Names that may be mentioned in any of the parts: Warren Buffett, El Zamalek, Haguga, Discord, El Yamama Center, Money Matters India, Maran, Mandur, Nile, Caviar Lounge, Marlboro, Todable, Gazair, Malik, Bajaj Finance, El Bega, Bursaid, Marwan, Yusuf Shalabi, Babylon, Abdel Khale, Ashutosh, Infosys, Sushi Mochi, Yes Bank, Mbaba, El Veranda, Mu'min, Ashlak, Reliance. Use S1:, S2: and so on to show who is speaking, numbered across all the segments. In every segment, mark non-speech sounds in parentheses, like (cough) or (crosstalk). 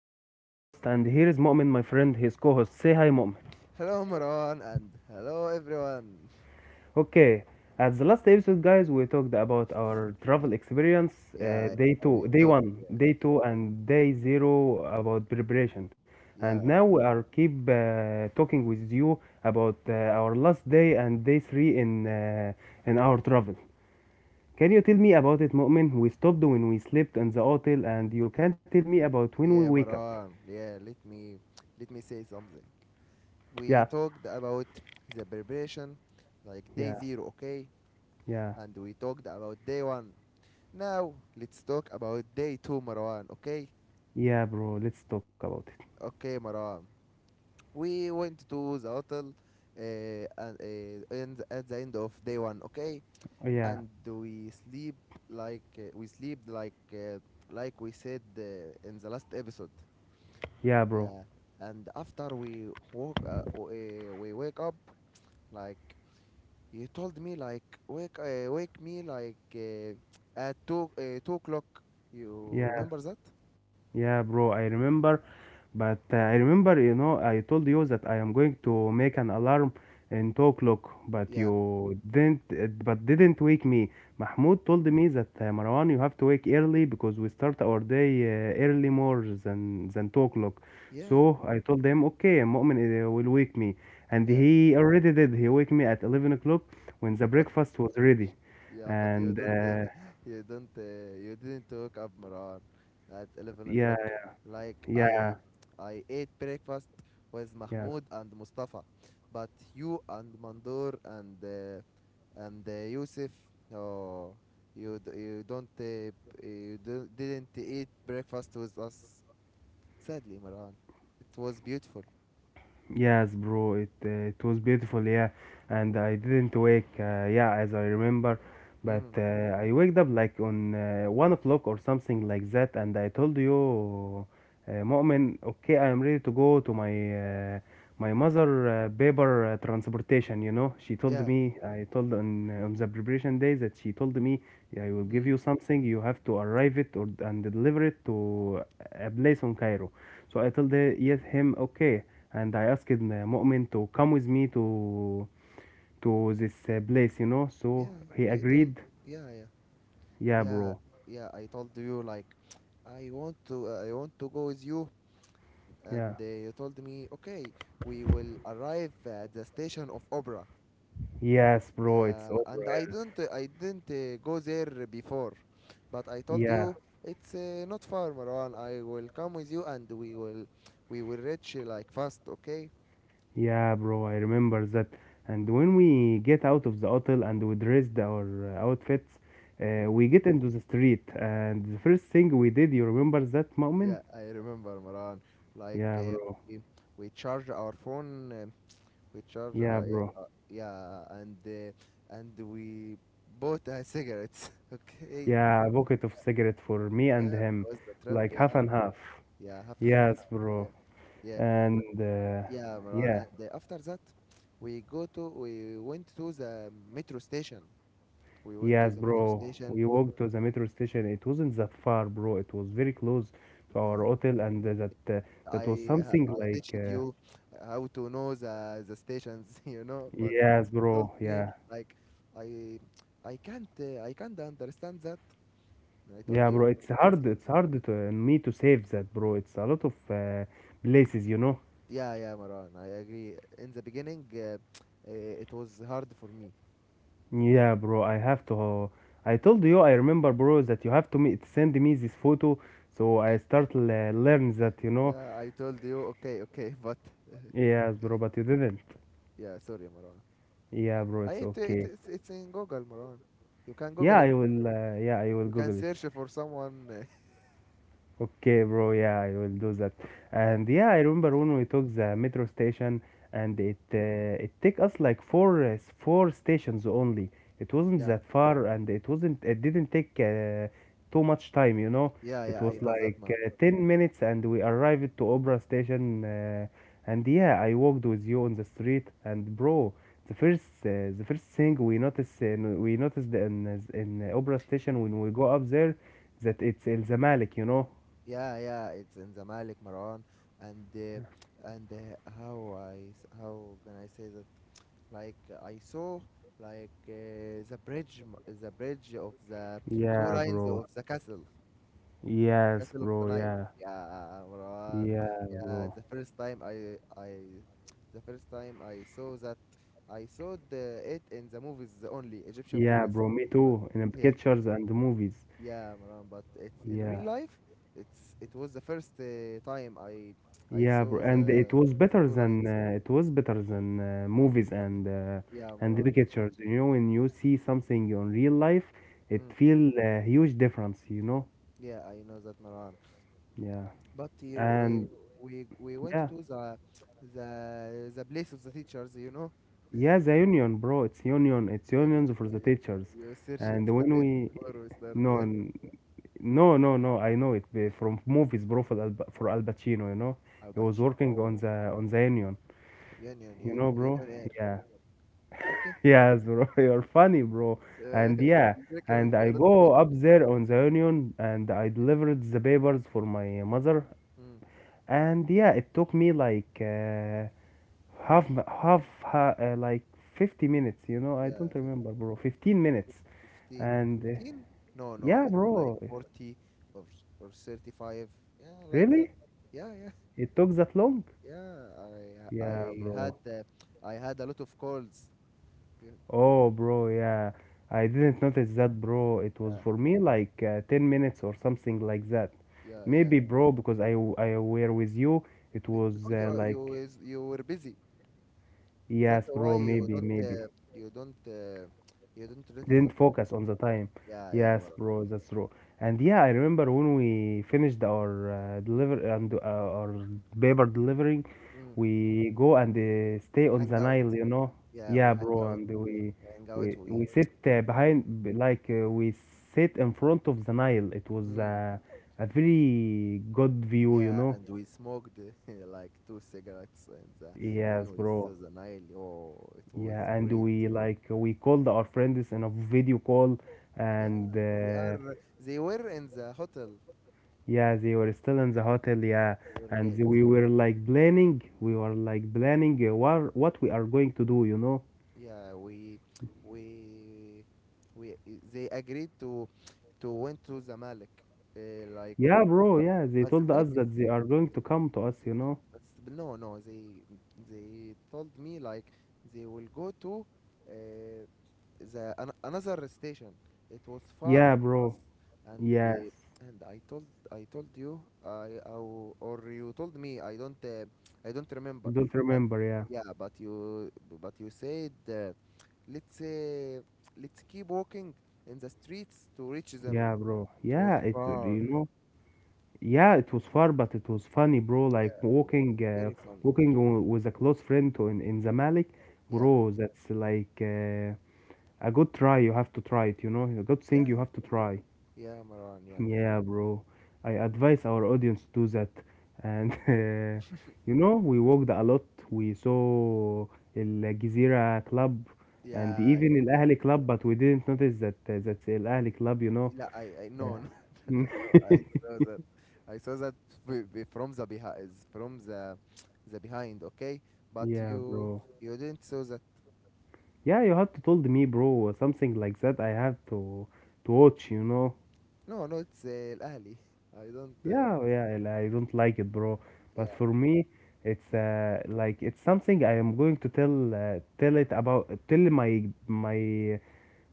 S1: Marwan, your host, and here is Mu'min, my friend, his co host. Say hi, Mu'min.
S2: Hello, Maran, and hello, everyone.
S1: Okay, at the last episode, guys, we talked about our travel experience
S2: Yeah, yeah, we
S1: day
S2: talked.
S1: one, day
S2: Yeah,
S1: two, and day zero about preparation. And
S2: yeah,
S1: now we
S2: yeah,
S1: are keep talking with you about our last day and day three in our travel. Can you tell me about it, Mu'min? We stopped when we slept in the hotel, and you can tell me about when we
S2: yeah,
S1: wake up.
S2: Maran. Yeah, let me say something. We
S1: Yeah,
S2: talked about the preparation, like day
S1: yeah.
S2: zero, okay,
S1: Yeah.
S2: and we talked about day one. Now let's talk about day two, Maran. Okay,
S1: Yeah, bro. Let's talk about
S2: okay, Maran. We went to the hotel, and at the end of day one, okay,
S1: it.
S2: and
S1: Yeah.
S2: we sleep like we said in the last episode.
S1: Yeah,
S2: Yeah,
S1: bro.
S2: and after we wake up, like you told me, like wake me, like, at 2 o'clock. You remember
S1: Yeah,
S2: that?
S1: yeah, bro, I remember. But I remember, I told you that I am going to make an alarm in 2 o'clock, but
S2: yeah
S1: you didn't, uh, but didn't wake me. Mahmoud told me that Marwan, you have to wake early because we start our day early more than 2 o'clock.
S2: yeah
S1: So I told him, okay, Mu'min will wake me, and
S2: yeah
S1: he already did. He wake me at 11 o'clock when the
S2: but
S1: breakfast was ready,
S2: Yeah, but you
S1: and
S2: don't, (laughs) you didn't wake up Maran at 11
S1: yeah,
S2: o'clock. Like
S1: yeah,
S2: I I ate breakfast with
S1: yeah.
S2: Mahmoud and Mustafa, but you and Mandur and Yusuf, oh, you d- you don't b- you didn't eat breakfast with us. Sadly, Maran, it was beautiful.
S1: Yes, bro, it was beautiful, yeah, and I didn't wake, yeah, as I remember, but
S2: Mm,
S1: uh, I waked up like on 1 o'clock or something like that, and I told you, Mu'min, okay, I am ready to go to my my mother paper transportation, you know. She told
S2: yeah,
S1: me, I told on the preparation day that she told me, I will give
S2: mm,
S1: you something. You have to arrive it or and deliver it to a place on Cairo. So I told her, yes, him, okay. And I asked Mu'min to come with me to this place, you know. So
S2: yeah.
S1: he
S2: I told
S1: agreed.
S2: yeah yeah
S1: Yeah,
S2: yeah
S1: bro.
S2: Yeah. I told you, like, I want to go with you,
S1: Yeah.
S2: and you told me, okay, we will arrive at the station of Opera.
S1: Yes, bro. It's
S2: Yeah,
S1: over.
S2: and I
S1: Yeah.
S2: didn't I didn't uh, go there before, but I told
S1: Yeah.
S2: you it's, not far, Marwan. I will come with you, and we will reach, like, fast. Okay.
S1: Yeah, bro, I remember that. And when we get out of the hotel and we dressed our outfits,
S2: Hmm.
S1: we get into the street. And the first thing we did, you remember that moment?
S2: Yeah, I remember, Marwan, like
S1: Yeah,
S2: uh,
S1: bro.
S2: we, we charge our phone,
S1: Yeah, bro.
S2: yeah, and we bought, cigarettes, (laughs) okay,
S1: Yeah, a bucket of cigarette for me and
S2: yeah,
S1: him,
S2: because the trip,
S1: like half
S2: yeah,
S1: and half.
S2: yeah, happened.
S1: Yes,
S2: (laughs)
S1: bro.
S2: Yeah, yeah.
S1: And
S2: But-
S1: uh,
S2: yeah, Maran,
S1: yeah,
S2: and after that, we went to the metro station. we went to
S1: yes,
S2: the metro
S1: bro.
S2: station
S1: We walked to the metro station. It wasn't that far, bro. It was very close to our
S2: yeah,
S1: hotel, and that was something
S2: I
S1: like.
S2: teached
S1: Uh,
S2: you how to know the stations, (laughs) you know, but you
S1: Yes,
S2: told
S1: bro.
S2: me,
S1: Yeah,
S2: like, I I can't understand that. I told
S1: yeah,
S2: you.
S1: bro. It's
S2: No, it's
S1: hard.
S2: easy.
S1: It's hard to me to save that, bro. It's a lot of places.
S2: Yeah, yeah, Marwan. I agree. In the beginning, it was hard for me.
S1: Yeah, bro. I have to. I told you. I remember, bro, that you have to me send me this photo, so I start le learn that.
S2: Yeah, I told you. Okay, okay. (laughs) But
S1: Yes, bro. But you didn't.
S2: (laughs) yeah, sorry, Marwan.
S1: Yeah, bro.
S2: I
S1: It's
S2: it, it
S1: okay.
S2: It's in Google, Marwan. You can
S1: Yeah,
S2: Google it.
S1: I will. Yeah, I will
S2: You can
S1: Google it.
S2: search for someone.
S1: Okay, bro. Yeah, I will do that. And yeah, I remember when we took the metro station,
S2: (laughs)
S1: and
S2: Hmm,
S1: it take us like four stations only. It wasn't
S2: yeah,
S1: that far, and it didn't take too much time. You know,
S2: yeah.
S1: it
S2: I
S1: was
S2: know that,
S1: like
S2: Marwan.
S1: 10 minutes, and we arrived to Obra station. And yeah, I walked with you on the street, and bro, the first thing we noticed in Obra station when we go up there that it's El Zamalek.
S2: Yeah, yeah. It's in the Malik, Marwan, and, how how can I say that? Like, I saw, like, the bridge of the two
S1: Yeah,
S2: lines
S1: bro.
S2: of the castle.
S1: Yes,
S2: Castle of the
S1: bro.
S2: night,
S1: Yeah.
S2: yeah, Marwan.
S1: Yeah,
S2: Yeah,
S1: bro.
S2: the first time I saw that, I saw the it in the movies, the only Egyptian
S1: Yeah,
S2: movies.
S1: bro. Me
S2: But
S1: too. In
S2: yeah
S1: pictures and movies.
S2: Yeah, Marwan, but it's in real
S1: Yeah.
S2: life. It's it was the first, time I
S1: Yeah, bro.
S2: saw
S1: And it was
S2: the
S1: better
S2: two
S1: than uh,
S2: lines
S1: it was better than uh, movies and uh,
S2: yeah,
S1: and the
S2: Marwan.
S1: pictures. You know, when you see something on real life,
S2: Hmm.
S1: it feel a huge difference, you know?
S2: Yeah, I know that, Maran.
S1: Yeah.
S2: But you,
S1: And
S2: we went to
S1: yeah.
S2: the place of the teachers, you know.
S1: Yeah, the union, bro. It's union. It's
S2: Union,
S1: unions for the teachers.
S2: yeah. You searched (laughs) it,
S1: And when
S2: right,
S1: we
S2: before we start? Yeah.
S1: no, no, no, no. I know it from movies, bro. For Al Pacino, you know,
S2: Al
S1: he was
S2: Pacino,
S1: working
S2: oh.
S1: on the Union,
S2: Union,
S1: you
S2: yeah.
S1: know, bro.
S2: Union air.
S1: Yeah,
S2: Okay.
S1: (laughs) yes, bro. (laughs) You're funny, bro.
S2: Uh, (laughs)
S1: And yeah,
S2: there can
S1: and
S2: be a
S1: I
S2: lot of
S1: go
S2: water.
S1: up there on the Union, and I delivered the papers for my mother.
S2: Mm.
S1: And yeah, it took me like half like 50 minutes. I
S2: yeah
S1: don't
S2: fif-
S1: remember, bro. 15
S2: 50?
S1: minutes.
S2: 15
S1: And
S2: No, no,
S1: yeah,
S2: it's like
S1: bro.
S2: 40, or 35, yeah, like that.
S1: Really?
S2: Yeah, yeah,
S1: It took that long?
S2: yeah. i
S1: Yeah,
S2: i
S1: bro.
S2: had, I had a lot of calls.
S1: Oh, bro, yeah. I didn't notice that, bro. It was
S2: Yeah,
S1: for me like 10 minutes or something like that.
S2: yeah, yeah.
S1: Maybe, bro, because I were with you, it was
S2: Because
S1: like,
S2: you were busy. That's
S1: yes,
S2: why
S1: bro,
S2: you
S1: maybe,
S2: don't
S1: maybe.
S2: you don't you don't notice the
S1: Didn't
S2: time.
S1: focus on the time.
S2: Yeah, yeah,
S1: Yes,
S2: Mara.
S1: bro, that's true. And yeah, I remember when we finished our deliver and our paper delivering,
S2: Mm.
S1: we go and stay on
S2: Hang
S1: the
S2: out.
S1: Nile, you know.
S2: Yeah, we
S1: Yeah,
S2: hang
S1: bro,
S2: out.
S1: and we
S2: We hang out.
S1: we we sit
S2: We
S1: behind b- like we sit in front of the Nile. It was
S2: Mm.
S1: a very good view, you
S2: Yeah,
S1: know.
S2: and we smoked (laughs) like two cigarettes. And, when
S1: Yes,
S2: we
S1: bro.
S2: saw the Nile, oh, it was
S1: Yeah, and
S2: great.
S1: we called our friends in a video call and.
S2: Yeah, they are they were in the hotel.
S1: Yeah, they were still in the hotel, yeah,
S2: They were
S1: and
S2: late.
S1: we were like planning what we are going to do, you know?
S2: Yeah we we They agreed to went to Zamalek, uh, like
S1: Yeah,
S2: w-
S1: bro,
S2: but
S1: yeah, they
S2: but
S1: told
S2: Zamalek
S1: us
S2: is
S1: that they are going to come to us, you know?
S2: but s- no no they they told me, like, they will go to, uh, another station. It was far
S1: Yeah,
S2: from us,
S1: bro,
S2: and,
S1: yes,
S2: I told you, or you told me. I don't
S1: you
S2: remember,
S1: don't
S2: but,
S1: remember, yeah,
S2: yeah but you you said, Let's uh, let's keep walking in the streets to reach them.
S1: yeah, bro,
S2: It was
S1: yeah, it,
S2: far.
S1: you know, yeah, it was far, but it was funny, bro,
S2: Yeah,
S1: like
S2: it was
S1: walking, uh,
S2: very funny.
S1: walking w- with a close friend to in Zamalek,
S2: Yeah,
S1: bro, that's like a good try, you have to try it, a good
S2: yeah,
S1: thing you have to try.
S2: yeah, yeah, Marwan. Yeah,
S1: Yeah, bro. I advise our audience to do that. And (laughs) we walked a lot. We saw El Jazeera Club and
S2: yeah.
S1: even El
S2: Gezira.
S1: Ahly Club, but we didn't notice that's El Ahly Club.
S2: لا, no, no,
S1: Yeah.
S2: (laughs) no.
S1: (laughs)
S2: I saw that. I saw that from the behind, from the behind. Okay, but
S1: Yeah, bro.
S2: you didn't saw that.
S1: Yeah, you had to told me, bro, something like that. I have to watch.
S2: No, no. It's, Al-Ahli. (laughs) I don't.
S1: Yeah, yeah, and I don't like it, bro. But
S2: Yeah.
S1: for me, it's something I am going to tell tell it about tell my my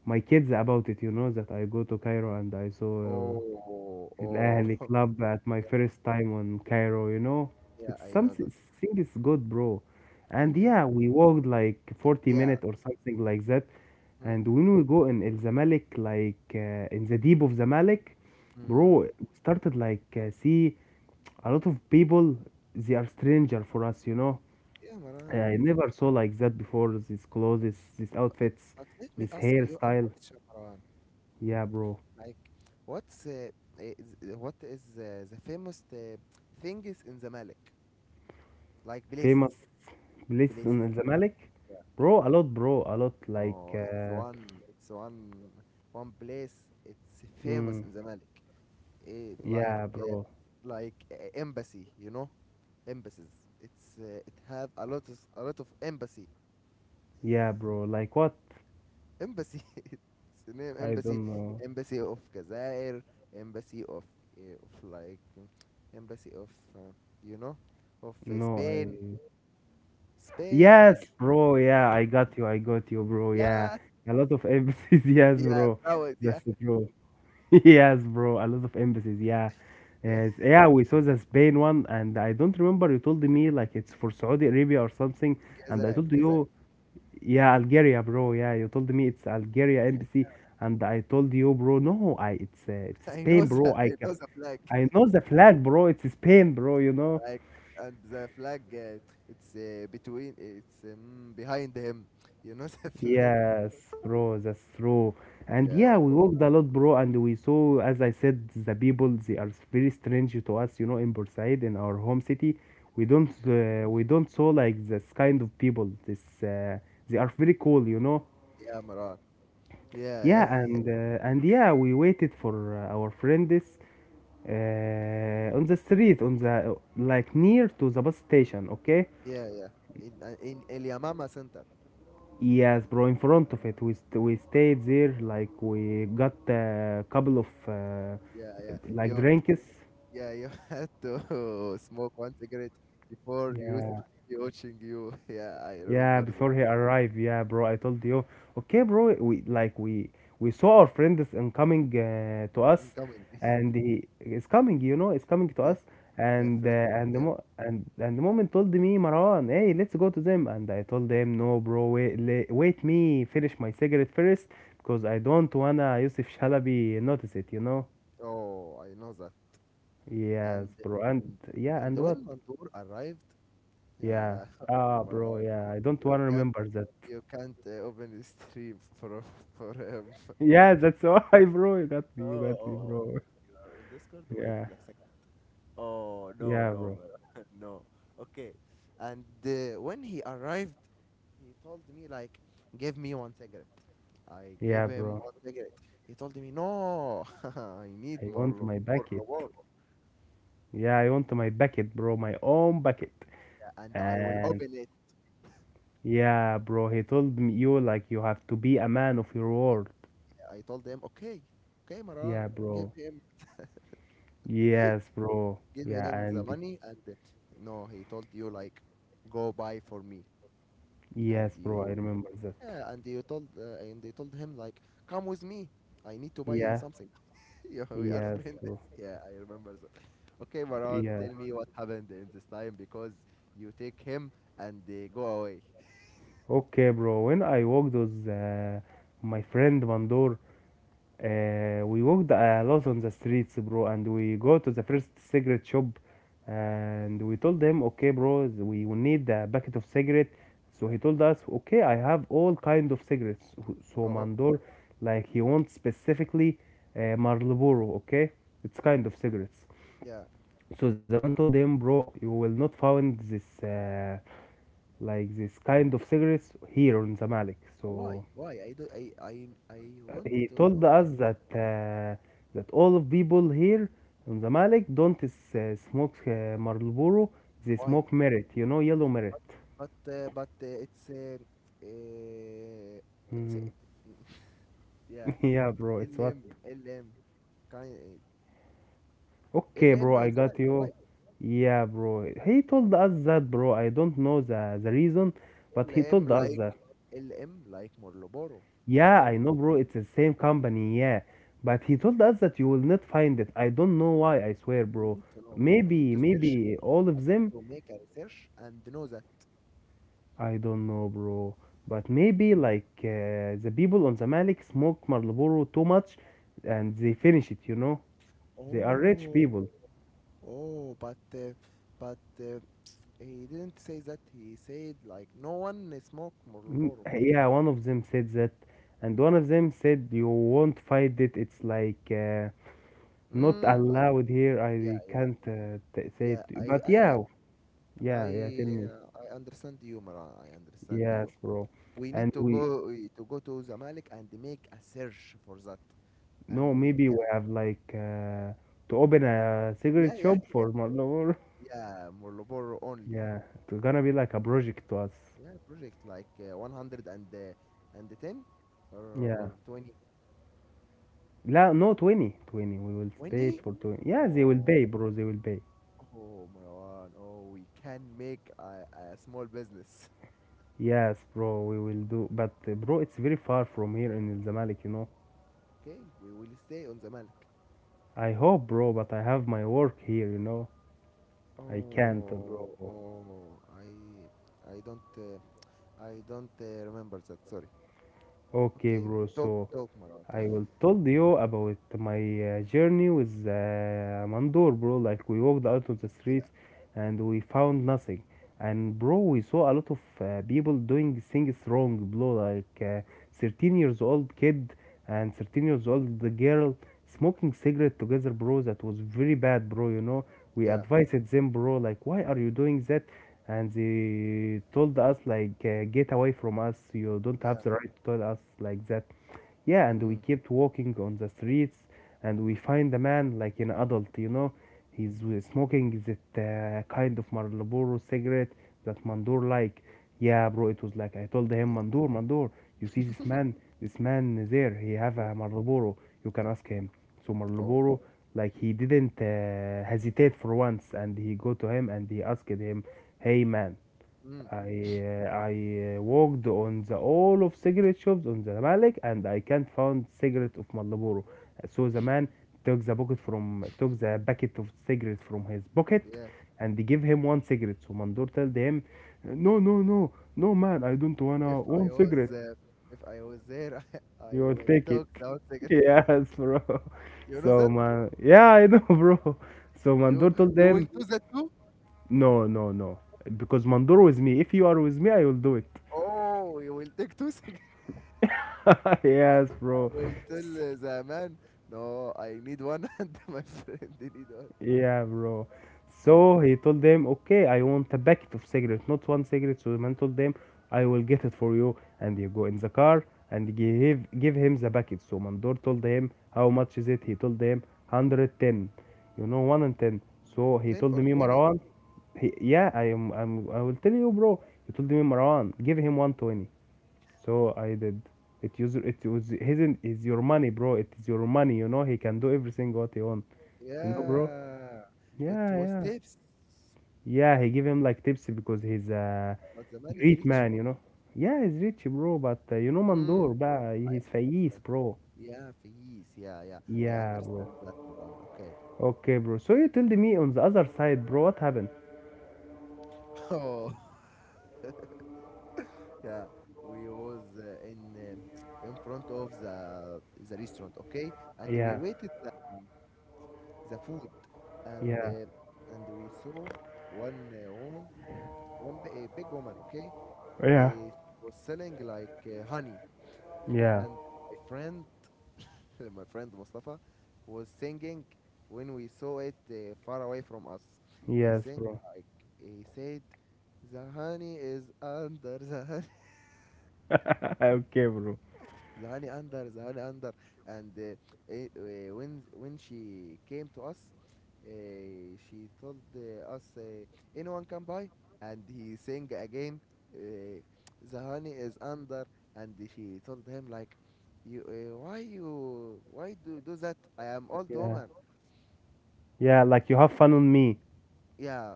S1: my kids about it. You know that I go to Cairo and I saw
S2: Oh, oh.
S1: الأهلي
S2: (laughs)
S1: club at my
S2: Yeah,
S1: first time on Cairo.
S2: yeah.
S1: It's
S2: I know
S1: something
S2: that.
S1: thing is good, bro.
S2: Yeah,
S1: And
S2: yeah.
S1: yeah, we walked like 40
S2: Yeah.
S1: minutes or something like that.
S2: Hmm.
S1: And when we go in El Zamalek, like in the deep of Zamalek,
S2: Mm.
S1: bro, we started like see a lot of people. They are stranger for us.
S2: Yeah, Maran.
S1: I never saw like that before. These clothes, these
S2: But,
S1: outfits,
S2: but let me
S1: this
S2: ask you a
S1: hairstyle.
S2: question, Maran.
S1: Yeah, bro.
S2: Like, what's, what is, the famous, things in the Malik? Like places,
S1: Famous places in
S2: places.
S1: الزمالك,
S2: Yeah.
S1: bro, a lot, bro, a lot like
S2: No, it's
S1: uh,
S2: one. It's one. One place. It's famous
S1: mm,
S2: in the Malik. Eh, like,
S1: yeah, bro,
S2: embassy. You know, embassies. It's, it have a lot of embassy.
S1: yeah, bro, like what,
S2: Embassy, (laughs) it's a name.
S1: I
S2: Embassy,
S1: don't know,
S2: embassy of Gazair, embassy of, uh, of like mm, embassy of, uh, you know
S1: no,
S2: Spain.
S1: I,
S2: Spain, and
S1: yes, bro, yeah, I got you bro, yeah,
S2: yeah,
S1: a lot of embassies. (laughs) Yes,
S2: yeah,
S1: bro,
S2: bravo, yeah,
S1: that's the bro. (laughs) Yes, bro, a lot of embassies, yeah.
S2: yeah.
S1: Yes, yeah, we saw the Spain one, and I don't remember you told me like it's for Saudi Arabia or something, and I
S2: Gazair,
S1: told
S2: Gazair,
S1: you, yeah, Algeria, bro. Yeah, you told me it's Algeria embassy,
S2: yeah.
S1: and I told you, bro. No, I
S2: (laughs)
S1: it's
S2: I know
S1: Spain,
S2: the,
S1: bro. I
S2: I know
S1: ca-
S2: the flag.
S1: I
S2: (laughs)
S1: know the flag, bro. It's Spain, bro. You know.
S2: Like, and the flag, it's between it's behind him, you know. (laughs) The flag,
S1: Yes, bro. That's true. And
S2: yeah,
S1: yeah, we walked a lot, bro, and we saw, as I said, the people. They are very strange to us, in Bursaid, in our home city. We don't saw like this kind of people. This they are very cool.
S2: yeah, Maran, yeah, yeah.
S1: Yeah, and yeah, we waited for our friends on the street, on the like near to the bus station. Okay.
S2: (laughs) Yeah, yeah, in, El Yamama Center.
S1: Yes, bro. In front of it, we stayed there. Like we got a couple of
S2: Yeah, yeah.
S1: like
S2: You,
S1: drinks.
S2: yeah, you (laughs) had to smoke one cigarette before Yusuf
S1: Yeah.
S2: be watching you. (laughs) Yeah, I
S1: Yeah,
S2: remember the
S1: before he arrived. Yeah, bro, I told you. Okay, bro, we like we saw our friend is in coming to
S2: thing
S1: us,
S2: coming. (laughs)
S1: and he is coming. You know, is coming to
S2: Yeah,
S1: us.
S2: yeah,
S1: And uh,
S2: friend.
S1: and the
S2: Yeah.
S1: mo- and the moment told me Marwan, hey, let's go to them. And I told them, no, bro, wait, wait me finish my cigarette first, because I don't wanna Yusuf Shalabi notice it. You know?
S2: Oh, I know that.
S1: Yes,
S2: And
S1: bro. And
S2: and
S1: yeah,
S2: and,
S1: and what?
S2: when Mandur arrived,
S1: Yeah.
S2: yeah, (laughs)
S1: Ah,
S2: oh my
S1: bro.
S2: God,
S1: Yeah, I don't
S2: you
S1: wanna
S2: can't
S1: remember that.
S2: you can't, open the stream, (laughs) for him. (laughs)
S1: Yeah,
S2: Okay.
S1: that's why, (laughs) bro.
S2: Oh,
S1: You
S2: oh,
S1: got me,
S2: oh.
S1: bro.
S2: You are in Discord. Wait,
S1: Yeah,
S2: like, second. Oh no,
S1: yeah,
S2: no,
S1: bro.
S2: bro. (laughs) No. Okay. And, when he arrived, he told me, like, "Give me one cigarette." I gave
S1: Yeah,
S2: him
S1: bro.
S2: one cigarette. He told me, "No, (laughs) I need
S1: I
S2: more,
S1: want my
S2: more
S1: bucket.
S2: Marlboro."
S1: Yeah, I want my bucket, bro. My own bucket.
S2: Yeah, and I will
S1: And
S2: open it.
S1: yeah, bro. He told me you have to be a man of your word.
S2: I told him, "Okay, okay, Maran,
S1: Yeah,
S2: give
S1: bro.
S2: him,
S1: Yes, bro.
S2: give
S1: Yeah,
S2: him the
S1: and
S2: money." And, no, he told you, like, "Go buy for me." And
S1: yes, bro. I
S2: you,
S1: remember that.
S2: yeah, and you told, and they told him, like, "Come with me. I need to buy
S1: Yeah,
S2: something." (laughs) Yeah, we are
S1: yes,
S2: friends. (laughs)
S1: bro.
S2: Yeah, I remember that. Okay, Maran,
S1: Yeah.
S2: tell me what happened in this time, because you take him and they go away.
S1: Okay, bro. When I walked with my friend Mandor, we walked a lot on the streets, bro, and we
S2: Yeah,
S1: go to the first cigarette shop, and we told them, okay, bro, we will need a packet of cigarette. So
S2: yeah.
S1: he told us, okay, I have all kind of cigarettes. So
S2: Oh.
S1: Mandor, like he wants specifically Marlboro, okay, it's kind of cigarettes.
S2: Yeah.
S1: So the man told him, bro, you will not find this, like this kind of cigarettes here on the Malik.
S2: Why?
S1: So
S2: Why? I do. I want
S1: he
S2: to
S1: told
S2: know why.
S1: us that all of people here in the Malik don't smoke Marlboro, they
S2: Why?
S1: smoke Merit. You know, yellow
S2: But.
S1: Merit.
S2: But. But it's. Uh, it's.
S1: Mm.
S2: (laughs) Yeah.
S1: (laughs) Yeah, bro, it's what.
S2: LM. LM. Kind.
S1: Okay,
S2: LM
S1: bro, I
S2: on the back.
S1: got you.
S2: Why?
S1: Yeah, bro. He told us that, bro. I don't know the reason, but he
S2: LM
S1: told us
S2: like.
S1: that.
S2: LM like Morloboro. You
S1: Yeah,
S2: know.
S1: I know, bro. It's the same company. Yeah, but he told us that you will not find it. I don't know why. I swear,
S2: I
S1: bro.
S2: need to know. I need
S1: Maybe,
S2: to search
S1: maybe all of them
S2: to make a research and know that.
S1: I don't know, bro. But maybe like the people on Zamalek smoke Marlboro too much, and they finish it. You know, they are rich
S2: Oh,
S1: people.
S2: oh, but, but uh, he didn't say that. He said, like, no one smoke Marlboro.
S1: Yeah, one of them said that, and one of them said you won't find it. It's like not
S2: Mm. I
S1: allowed here.
S2: yeah
S1: I
S2: yeah
S1: can't say
S2: yeah
S1: it. But yeah, yeah, yeah. Tell me.
S2: I understand you, Mara. I understand
S1: Yes,
S2: you.
S1: bro.
S2: We
S1: And
S2: need to
S1: we
S2: go, to go to Zamalek and make a search for that, and
S1: No,
S2: we
S1: maybe
S2: can.
S1: we have like to open a
S2: Yeah,
S1: cigarette
S2: yeah,
S1: shop
S2: yeah.
S1: for Marlboro.
S2: Yeah, Marlboro only.
S1: Yeah, it's gonna be like a project to us.
S2: Yeah, project like, 100, and, 10, or
S1: Yeah.
S2: 20,
S1: La, no, 20. 20. We will pay it
S2: 20.
S1: for 20. Yeah, they will
S2: Oh,
S1: pay, bro. They will pay.
S2: oh, Marwan. Oh, we can make a small business.
S1: Yes, bro, we will do. But, bro, it's very far from here in El Zamalek, you know.
S2: Okay, we will stay on the Malik.
S1: I hope, bro, but I have my work here, you know. I can't, bro.
S2: Oh, oh, I don't, remember that. Sorry.
S1: Okay,
S2: Okay,
S1: bro,
S2: talk,
S1: so
S2: talk, Marwan, talk.
S1: I will told you about my journey with Mandor, bro. Like we walked out on the
S2: Yeah,
S1: streets and we found nothing. And bro, we saw a lot of people doing things wrong, bro. Like 13 years old kid and 13 years old the girl smoking cigarette together, bro. That was very bad, bro. You know, we
S2: yeah,
S1: advised them, bro. Like, why are you doing that? And they told us like, get away from us. You don't
S2: yeah.
S1: have the right to tell us like that, yeah, and we
S2: Mm,
S1: kept walking on the streets, and we find a man like an adult, you know. He's smoking that kind of Marlboro cigarette that Mandur like. Yeah, bro, it was like I told him,
S2: yeah,
S1: Mandur, Mandur, you see this
S2: (laughs)
S1: man, there, he have
S2: yeah,
S1: a Marlboro. You can
S2: yeah.
S1: ask him. So
S2: Oh,
S1: Marlboro, like he didn't hesitate for once, and he go to him and he asked him, "Hey man,
S2: mm,
S1: I worked on the all of cigarette shops on the Malik and I can't found cigarette of Marlboro. So the man took the packet of cigarette from his pocket
S2: yeah.
S1: and they give him one cigarette. So Mandor told him, "No, no, no, no, man, I don't
S2: If
S1: wanna
S2: I
S1: one
S2: was,
S1: cigarette.
S2: uh, if I was there, (laughs) I
S1: You will
S2: will
S1: take it."
S2: talk without
S1: (laughs)
S2: cigarette.
S1: Yes, bro.
S2: You know
S1: So
S2: that?
S1: man, yeah, I know, (laughs) bro. So
S2: You,
S1: Mandor told
S2: you will
S1: them,
S2: do that too?
S1: "No, no, no, because Mandor with me. If you are with me, I will do it."
S2: Oh, you will take two (laughs) cigarettes.
S1: (laughs) Yes, bro.
S2: قلت
S1: S-
S2: له زمان. No, I need one, (laughs) and my friend (laughs) need one.
S1: Yeah, bro.
S2: Mm.
S1: So he told them, okay, I want a packet of cigarettes, not one cigarette. So the man told them, I will get it for you. And you go in the car and give him the packet. So Mandor told him, how much is it? He told them, 110. You know, 1 and 10. So he
S2: 10
S1: told
S2: or
S1: me,
S2: 20,
S1: Marwan, yeah, I will tell you, bro. He told me, Marwan, give him 120. So I did. It used it was his is your money, bro. It is your money, you know. He can do everything what he want, you know, bro.
S2: yeah, it
S1: Yeah,
S2: was
S1: yeah,
S2: tips,
S1: yeah. He give him like tips because he's a
S2: but the man is
S1: great
S2: rich,
S1: man, you
S2: Maran.
S1: know. Yeah, he's rich, bro. But you know,
S2: Mm,
S1: Mandor, bah,
S2: I
S1: he's fayis,
S2: understand.
S1: bro.
S2: Yeah, fees, yeah, yeah. I
S1: Yeah, bro.
S2: understand that, Maran. Okay.
S1: Okay, bro. So you told me on the other side, bro. What happened?
S2: (laughs) Oh. (laughs) Yeah, we was, in front of the restaurant, okay, and we
S1: Yeah,
S2: waited the food, and,
S1: yeah,
S2: we saw one, woman, a big woman, okay?
S1: yeah,
S2: She was selling, like, honey, and
S1: yeah.
S2: my friend, (laughs) my friend Mustafa, was singing. When we saw it, far away from us. He
S1: Yes,
S2: sang,
S1: bro.
S2: like, he said, "The honey is under the (laughs) honey."
S1: (laughs) Okay, bro.
S2: The honey under the honey under. And when she came to us, she told us, anyone can buy. And he sang again, uh, "The honey is under." And she told him like, "You, why you, why do that? I am old
S1: Yeah,
S2: woman."
S1: yeah. Like you have fun on me.
S2: Yeah.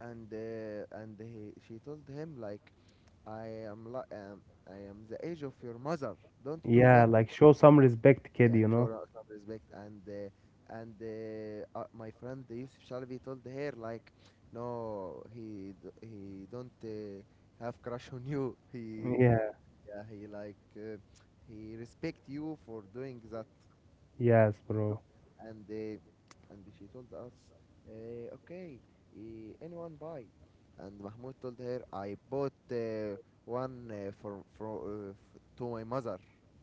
S2: And she told him like, "I am I am the age of your mother. Don't do
S1: Yeah,
S2: that."
S1: like show some respect, kid,
S2: Yeah,
S1: you
S2: show
S1: know?
S2: some respect, and my friend Yusuf Shalvi told her like, "No, he he don't have crush on you." (laughs) He
S1: Yeah,
S2: yeah, he like, he respect you for doing that,
S1: yes,
S2: you know
S1: bro.
S2: and she told us, okay, anyone buy. And Mahmoud told her, "I bought, one, for to my mother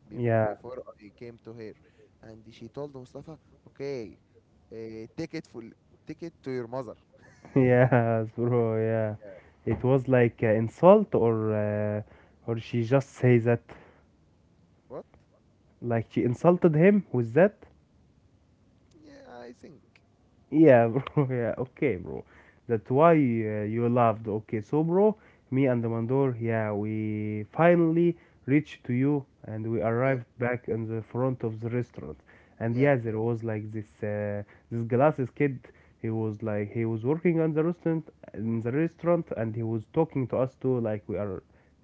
S1: Yeah,
S2: before I came to her." And she told Mustafa, "Okay, take it for, take it to your mother."
S1: (laughs) yes, bro. Yeah.
S2: Yeah.
S1: It was like insult or she just say that,
S2: What?
S1: like she insulted him with that.
S2: Yeah, I think.
S1: Yeah, (laughs) bro. Yeah, okay, bro. That's why you loved. Okay, so, bro, me and the Mandor, yeah, we finally reached to you and we
S2: Yeah,
S1: arrived back in the front of the restaurant. And
S2: yeah.
S1: yeah, there was like this glasses kid. He was like he was working on the restaurant in the restaurant, and he was talking to us too, like we are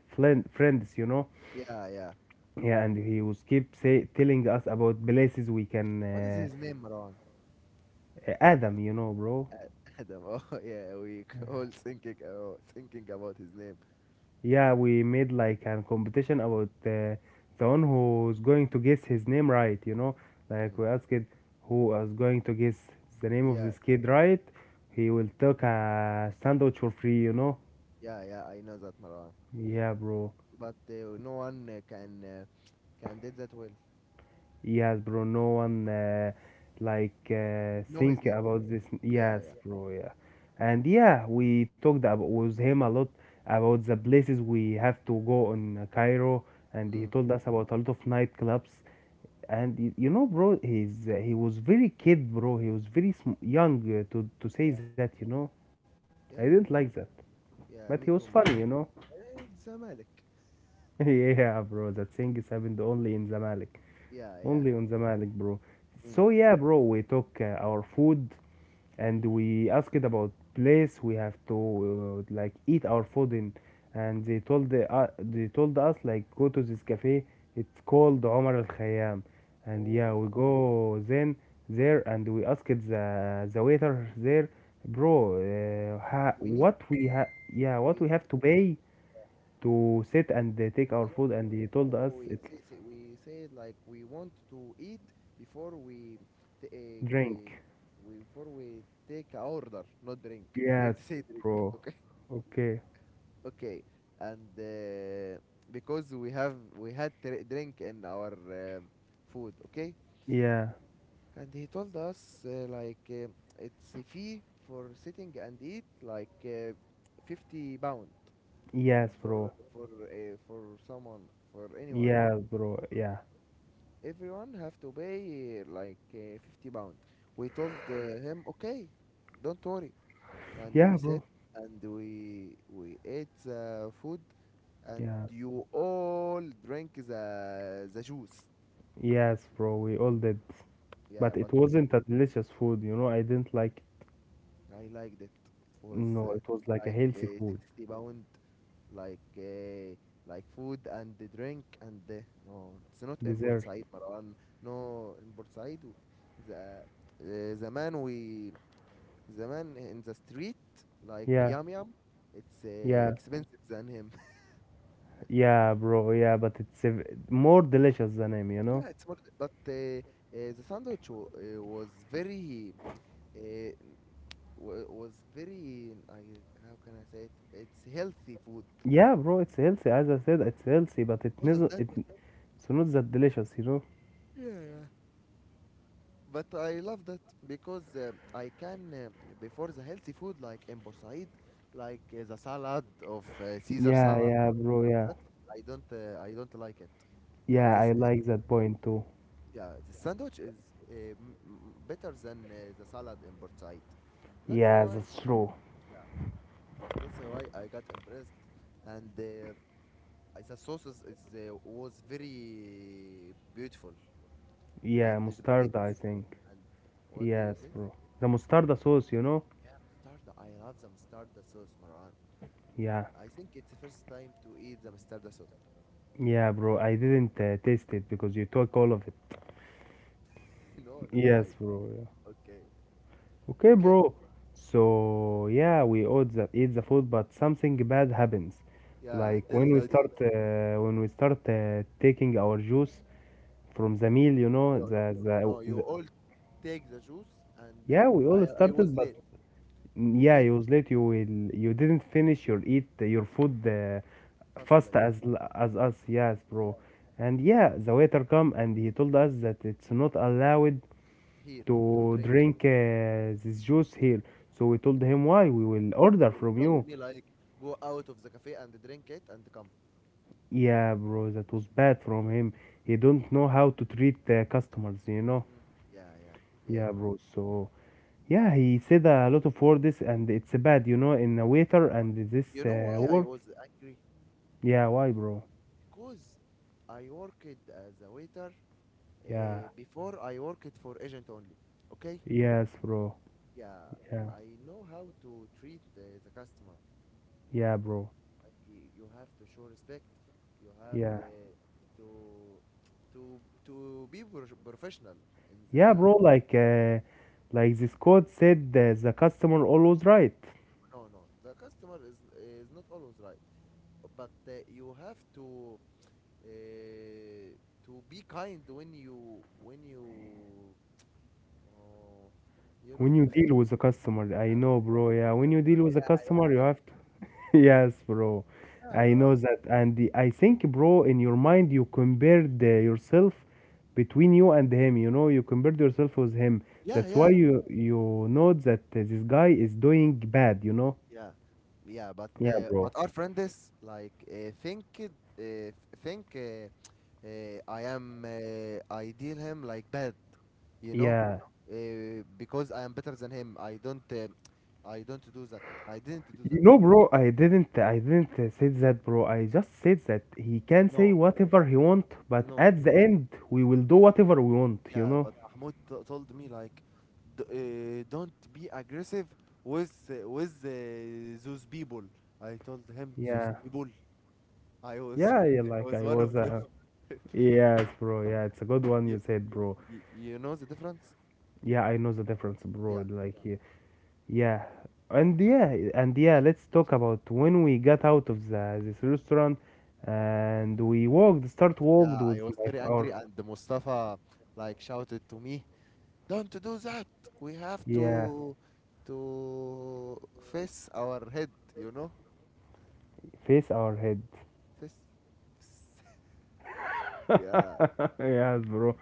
S1: friends, you know.
S2: Yeah, yeah.
S1: Yeah, and he was keep say telling us about places we can
S2: What is his name, Marwan?
S1: Adam, you know, bro.
S2: Adam. (laughs) Oh yeah, we all thinking, oh, thinking about his name.
S1: Yeah, we made like a competition about the one who's going to guess his name right, you know? Like
S2: Mm.
S1: we asked who is going to guess the name of this
S2: Yes.
S1: kid right, he will take a sandwich for free, you know?
S2: Yeah, yeah, I know that, Marwan,
S1: Yeah, bro.
S2: but no one can, can did that well.
S1: Yes, bro. No one like
S2: Know his
S1: think
S2: name?
S1: about this.
S2: Yeah,
S1: Yes,
S2: yeah.
S1: bro. Yeah. And yeah, we talked about with him a lot about the places we have to go in Cairo, and he
S2: Mm.
S1: told us about a lot of nightclubs, and you know, bro, he was very kid, bro. He was very young to say
S2: Yeah,
S1: that, you know. I
S2: yeah,
S1: didn't
S2: yeah,
S1: like that,
S2: yeah.
S1: but he
S2: Me
S1: was
S2: too, Marwan.
S1: funny, you know.
S2: It's Zamalek.
S1: (laughs) Yeah, bro, that thing is happened only in Zamalek,
S2: Yeah, yeah.
S1: only on Zamalek, bro.
S2: Mm.
S1: So yeah, bro, we took our food, and we asked about place we have to like eat our food in, and they told us like go to this cafe. It's called Omar Al Khayyam, and yeah,
S2: Oh,
S1: we go then there, and we asked the waiter there, bro,
S2: we need,
S1: what
S2: we,
S1: we have to pay to sit and take
S2: no,
S1: our
S2: no,
S1: food, and he told
S2: no, no.
S1: us
S2: We
S1: it's
S2: say, say we said like we want to eat before we, t- uh, uh,
S1: drink.
S2: we, before we take a order, not drink. Don't
S1: Yes,
S2: (laughs) say drink,
S1: bro.
S2: okay?
S1: Okay.
S2: Okay. And because we had drink in our food. Okay.
S1: Yeah.
S2: And he told us, like, it's a fee for sitting and eat, like, 50 pound
S1: Yes, bro.
S2: for, for someone, for anyone.
S1: Yeah, bro.
S2: You know?
S1: Yeah.
S2: Everyone have to pay, like, 50 pound. We told, him, okay, don't worry. And
S1: Yeah,
S2: we
S1: bro.
S2: sat and we ate food, and
S1: Yeah.
S2: you all drink the juice.
S1: Yes, bro. We all did.
S2: Yeah,
S1: But
S2: but
S1: it
S2: me,
S1: wasn't a delicious food, you know. I didn't like
S2: I liked it. It was,
S1: No, it was like a
S2: like,
S1: healthy food.
S2: 60 pound, like, like food and the drink and the, no, it's not in
S1: Dessert.
S2: side, Marwan. No, in Bursaid, the, the man, we the man in the street, like
S1: Yeah.
S2: Yum Yum. It's
S1: Yeah.
S2: expensive than him.
S1: Yeah, bro. Yeah, but it's a more delicious than him, you
S2: (laughs)
S1: know.
S2: Yeah, it's more. But the sandwich, was very, uh, was very, I, how can I say it? It's healthy food
S1: Yeah, bro, it's healthy. As I said, it's healthy, but it
S2: because of
S1: isn't
S2: that.
S1: it it's not that delicious, you know.
S2: Yeah, yeah. But I love that because, I can, before the healthy food like in Bursaid, like, the salad of, Caesar
S1: Yeah,
S2: salad,
S1: yeah, bro.
S2: or
S1: Yeah.
S2: that. I don't like it. But
S1: Yeah,
S2: this,
S1: I like that point too.
S2: yeah, the sandwich is, uh, m- m- better than, the salad in Bursaid. That's
S1: Yeah,
S2: why
S1: that's true.
S2: that's why I got impressed, and the sauce, is was very beautiful,
S1: Yeah,
S2: and the
S1: mustard, I
S2: potatoes.
S1: think.
S2: And what did you
S1: Yes,
S2: say?
S1: bro. The mustard sauce, you know?
S2: Yeah, mustard. I love the mustard sauce, Marwan.
S1: Yeah.
S2: I think it's the first time to eat the mustard sauce.
S1: Yeah, bro, I didn't taste it because you took all of it.
S2: (laughs) No, no, I.
S1: Yes, bro. Yeah.
S2: Okay,
S1: Okay,
S2: okay.
S1: bro. So, yeah, we ate the food, but something bad happens.
S2: Yeah,
S1: Like
S2: tell the audience.
S1: when we start taking our juice from the meal, you know,
S2: Yo, no,
S1: the, the,
S2: no. You
S1: the
S2: all take the juice, and
S1: yeah, we all
S2: I was
S1: started, but
S2: late.
S1: yeah, it
S2: Okay,
S1: was late. You didn't finish your food,
S2: fast
S1: fast
S2: like you.
S1: as us. Yes,
S2: Yeah,
S1: bro. And yeah, the waiter come and he told us that it's not allowed
S2: here to
S1: to
S2: drink.
S1: drink this juice here. So we told him why we
S2: Yeah,
S1: will order
S2: he
S1: from
S2: told
S1: you.
S2: me like, "Go out of the cafe and drink it and come."
S1: Yeah, bro, that was bad from him. He don't know how to treat the customers, you know.
S2: Mm, yeah, yeah, yeah,
S1: Yeah,
S2: Maran.
S1: bro. So yeah, he said a lot of words, and it's bad, you know, in a waiter and this
S2: You know why
S1: work.
S2: I was angry?
S1: Yeah, why, bro?
S2: Because I worked as a waiter, uh,
S1: Yeah,
S2: before I worked for agent only. Okay?
S1: yes, bro.
S2: Yeah,
S1: Yeah,
S2: I know how to treat the customer.
S1: yeah, bro.
S2: You have to show respect. You have
S1: Yeah,
S2: to be professional in
S1: yeah,
S2: the
S1: bro. Like this quote said, the customer always right.
S2: no, no, the customer is not always right, but you have to, uh, to be kind when you uh, you
S1: When
S2: know
S1: you deal with a customer,
S2: Yeah,
S1: I know,
S2: we
S1: bro. Yeah, when
S2: just-
S1: you deal with a
S2: yeah.
S1: customer, you have to. (laughs) Yes, bro.
S2: Yeah,
S1: I know
S2: bro.
S1: that, and I think, bro, in your mind, you compared yourself between you and him. You know, you compared yourself with him.
S2: Yeah,
S1: That's why
S2: yeah.
S1: you know that this guy is doing bad. You know.
S2: Yeah, yeah,
S1: Yeah, bro.
S2: but our friend is like, think, I am, I deal him like bad, you know,
S1: Yeah.
S2: because I am better than him. I don't do that. I didn't do that.
S1: You know, bro, I didn't say that, bro. I just said that he can say
S2: No,
S1: whatever
S2: uh,
S1: he want, but
S2: no.
S1: at the end, we will do whatever we want. You
S2: Yeah,
S1: know.
S2: but Mahmoud told me like, "Don't be aggressive with, those people." I told him,
S1: Yeah.
S2: those people. I was,
S1: Yeah, yeah,
S2: (laughs) I
S1: like
S2: was
S1: I
S2: one of
S1: was
S2: them.
S1: a
S2: (laughs)
S1: yes, bro. Yeah, it's a good one
S2: you,
S1: you said, bro.
S2: you know the difference?
S1: Yeah, I know the difference, bro.
S2: Yeah,
S1: Like yeah, yeah. and yeah, and yeah. Let's talk about when we got out of the this restaurant, and we start walked
S2: yeah. I
S1: with
S2: was
S1: my
S2: very
S1: our
S2: angry, and Mustafa like shouted to me, "Don't do that. We have
S1: yeah,
S2: to face our head. You know,
S1: face our head.
S2: face. Face." (laughs) Yeah,
S1: (laughs) Yes, bro.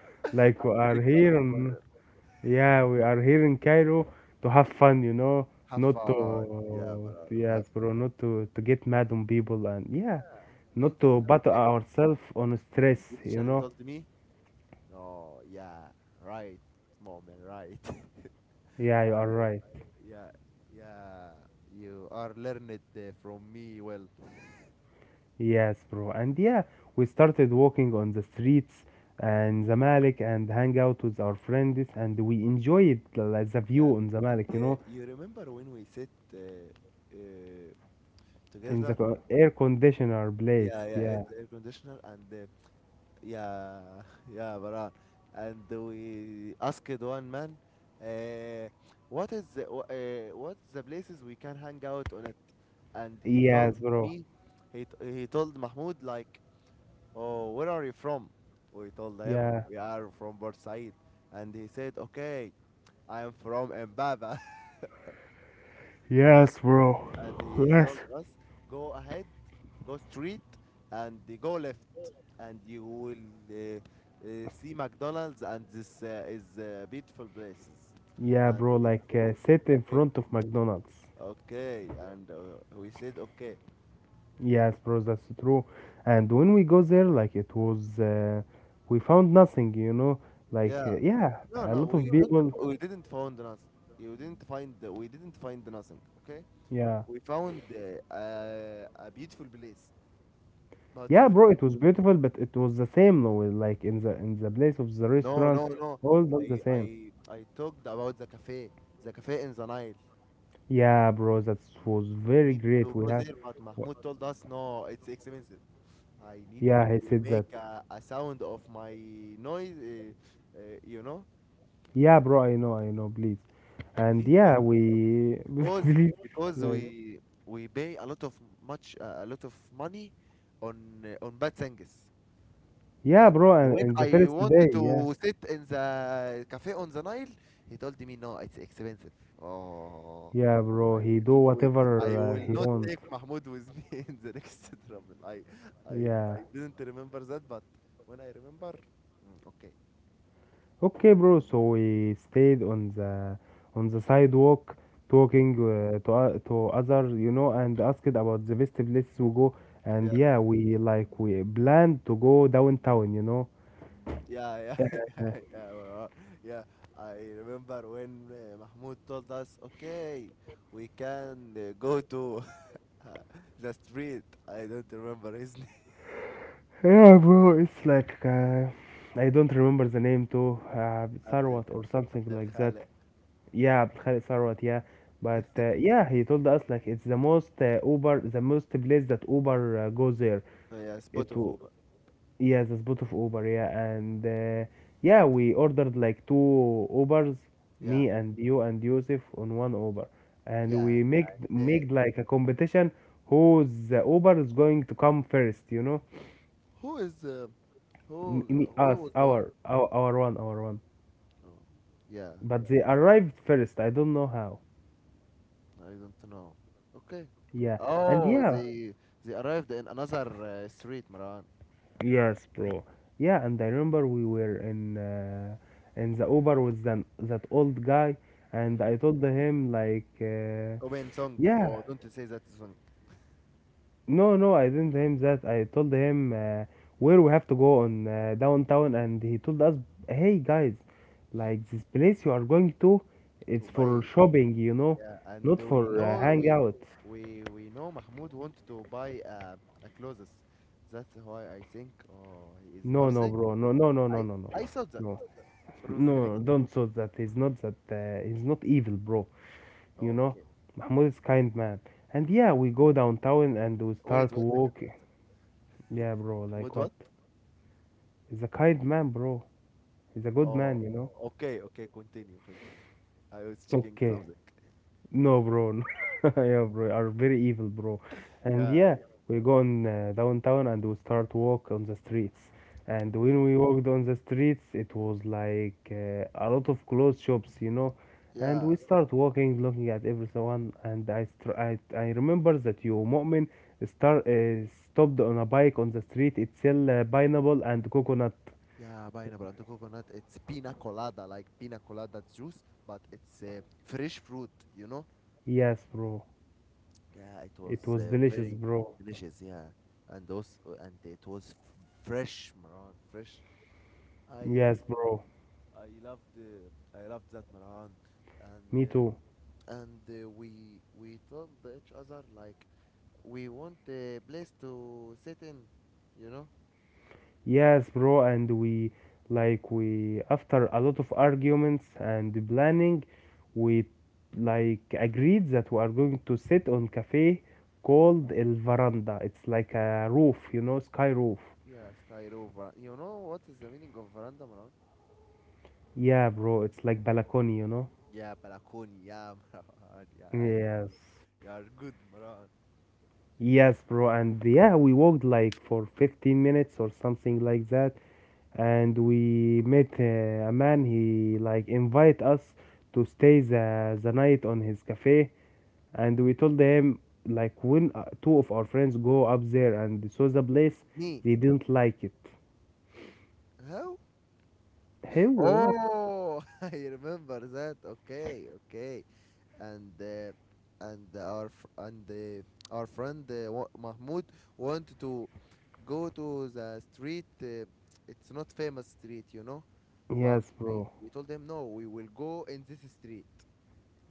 S2: I
S1: Like we are
S2: drink a lot
S1: here,
S2: of
S1: in,
S2: water.
S1: yeah, we are here in Cairo to have fun, you know,
S2: Have
S1: not
S2: fun. Yeah,
S1: to
S2: Marano, have
S1: yes, bro, not to get mad on people and yeah.
S2: yeah. I
S1: Not
S2: told
S1: to
S2: them,
S1: battle
S2: okay.
S1: ourselves on
S2: And
S1: stress,
S2: this
S1: you
S2: channel
S1: know?
S2: told me, no, yeah, right, mom, right. (laughs)
S1: Yeah, you are
S2: I,
S1: right.
S2: yeah, yeah, you are learned from me well.
S1: Yes, bro. And yeah, we started walking on the streets and Zamalek and hang out with our friends and we enjoyed like, the
S2: Yeah,
S1: view on
S2: and
S1: Zamalek,
S2: you remember when we sit, uh,
S1: in the
S2: together?
S1: air conditioner place.
S2: Yeah, yeah,
S1: Yeah.
S2: and air conditioner, and yeah. (laughs) Yeah, Baran. And we asked one man, uh, what is the, what's the places we can hang out on it? And he
S1: Yes,
S2: told
S1: bro.
S2: me, he told Mahmoud like, "Oh, where are you from?" We told him
S1: Yeah.
S2: we are from Port Said, and he said, okay, I am from Mbaba. (laughs)
S1: Yes, bro.
S2: And he told
S1: Yes.
S2: us, "Go ahead, go straight, and go left, and you will, uh, see McDonald's, and this, is, beautiful places."
S1: Yeah,
S2: And
S1: bro.
S2: we
S1: Like
S2: say
S1: sit in
S2: okay,
S1: front of McDonald's.
S2: okay, and we said okay,
S1: Yes, bro, that's true. And when we go there, like it was, we found nothing. Like
S2: yeah.
S1: yeah,
S2: No,
S1: a
S2: no,
S1: lot of
S2: we don't.
S1: people.
S2: We didn't found nothing. You didn't find. We didn't find nothing. Okay,
S1: Yeah,
S2: we found a beautiful place, but
S1: yeah,
S2: you
S1: bro, it was beautiful, but it was the same, no, with, like in the place of the
S2: no,
S1: restaurant,
S2: no, no.
S1: all done the
S2: I I
S1: same.
S2: I talked about the cafe in the Nile.
S1: Yeah, bro, that was
S2: I
S1: very
S2: needed
S1: great.
S2: to
S1: We
S2: go
S1: have,
S2: there, but
S1: wha-
S2: Mahmoud told us, no, it's expensive. I needed
S1: yeah, he
S2: to
S1: said
S2: make
S1: that.
S2: a sound of my noise,
S1: Yeah, bro, I know, please. And
S2: Please, but
S1: yeah, we (laughs)
S2: because
S1: please, like
S2: we pay a lot of much, a lot of money on, on bad things,
S1: yeah,
S2: and
S1: bro, and,
S2: when
S1: and the
S2: I
S1: first day,
S2: wanted
S1: yeah.
S2: to sit in the cafe on the Nile, he told me, no, it's expensive. Oh.
S1: Yeah, bro,
S2: I
S1: he do
S2: will, wi- I
S1: whatever
S2: will
S1: he
S2: not
S1: want.
S2: take Mahmoud with me (laughs) in the next travel. I
S1: Yeah.
S2: didn't remember that, but when I remember, okay,
S1: Okay, bro. So we stayed on the sidewalk
S2: yeah,
S1: talking to others, and asked about the best places we go. And
S2: yeah,
S1: yeah, we like we planned to go downtown.
S2: yeah, yeah,
S1: Yeah,
S2: (laughs) yeah, yeah, we are. Yeah. I remember when Mahmoud told us, okay, we can, go to (laughs) uh, the street. I don't remember his name.
S1: (laughs) yeah bro, it's like I don't remember the name too,
S2: (laughs) Abdel,
S1: Sarwat or something
S2: Abdel
S1: like that.
S2: Khale.
S1: Yeah, Abdul Khalik Sarwat, yeah. But
S2: (laughs)
S1: yeah, he told us like it's the most Uber, the most place that Uber goes there.
S2: Oh, yeah, spot
S1: It
S2: of
S1: w-
S2: Uber.
S1: yeah, the spot of Uber, yeah. And yeah, we ordered like two Ubers,
S2: Yeah,
S1: me and you and Yusuf on one Uber, and
S2: yeah.
S1: we make
S2: The,
S1: make like a competition whose the Uber is going to come first, you know?
S2: who is, who
S1: Me,
S2: who
S1: us,
S2: was on?
S1: our one.
S2: Oh, yeah,
S1: But they arrived first. I don't know how.
S2: I don't know. Okay.
S1: Yeah, and
S2: Oh,
S1: yeah.
S2: they arrived in another street, Maran.
S1: Yes, bro. Yeah, and I remember we were in the Uber with that old guy, and I
S2: Mm.
S1: told him like,
S2: Open song.
S1: yeah,
S2: Oh, don't say that song.
S1: no, no, I didn't tell him that. I told him where we have to go on downtown, and he told us, hey guys, like this place you are going to,
S2: To
S1: it's for
S2: buy.
S1: shopping,
S2: Yeah, and
S1: not for hangout.
S2: we know Mahmoud wanted to buy, a clothes. That's why I think, oh, he is
S1: No, no,
S2: Marsing.
S1: bro. No, no, no, no,
S2: I
S1: no, no,
S2: I saw that
S1: no,
S2: (laughs)
S1: no.
S2: from the
S1: No,
S2: beginning.
S1: don't thought that. He's not that. He's not evil, bro. You know
S2: Okay.
S1: Mahmoud is kind man, and
S2: Yeah.
S1: yeah, we go downtown and we start
S2: Wait. Wait, second.
S1: walking.
S2: Wait, second.
S1: Yeah, bro, like
S2: Mahmoud,
S1: what,
S2: what?
S1: he's a kind man, bro, he's a good man,
S2: Oh.
S1: you know.
S2: Okay. Okay. Continue. Continue. (laughs) I was checking
S1: Okay.
S2: something. (laughs)
S1: No, bro. No. (laughs) Yeah, bro. Are very evil, bro. And
S2: Yeah.
S1: yeah, we go on downtown and we start walk on the streets. And
S2: Yeah.
S1: when we walked on the streets, it was like a lot of clothes shops. And
S2: Yeah,
S1: we start walking, looking at everyone. And I remember that you, Mu'min, stopped on a bike on the street. It sell pineapple and coconut.
S2: yeah, pineapple and coconut. It's pina colada, like pina colada juice, but it's fresh fruit, you know?
S1: Yes, bro.
S2: Yeah, it was
S1: It was delicious,
S2: very
S1: bro.
S2: delicious, yeah. And those, and it was fresh, Maran, fresh. I
S1: Yes, bro.
S2: I loved that, Maran, and
S1: Me too.
S2: we told each other, like, we want a place to sit in, you know?
S1: Yes, bro, and we like we after a lot of arguments and planning, we like agreed that we are going to sit on cafe called El Veranda. It's like a roof, sky roof.
S2: Yeah, sky rover. You know what is the meaning of veranda, Maran?
S1: Yeah, bro, it's like balcony.
S2: Yeah, balakoni. Yeah, Marwan. Yeah,
S1: Yes.
S2: you are good, Marwan.
S1: Yes, bro, and yeah, we walked like for 15 minutes or something like that, and we met a man. He like invite us to stay the night on his cafe, and we told them like when two of our friends go up there and saw the place
S2: Me?
S1: they didn't like it,
S2: How?
S1: hey, what?
S2: Oh, (laughs) I remember that. Okay, okay. And uh, and our friend, Mahmoud wanted to go to the street. It's not famous street, you know. But
S1: Yes,
S2: we,
S1: bro.
S2: we told him, no. We will go in this street.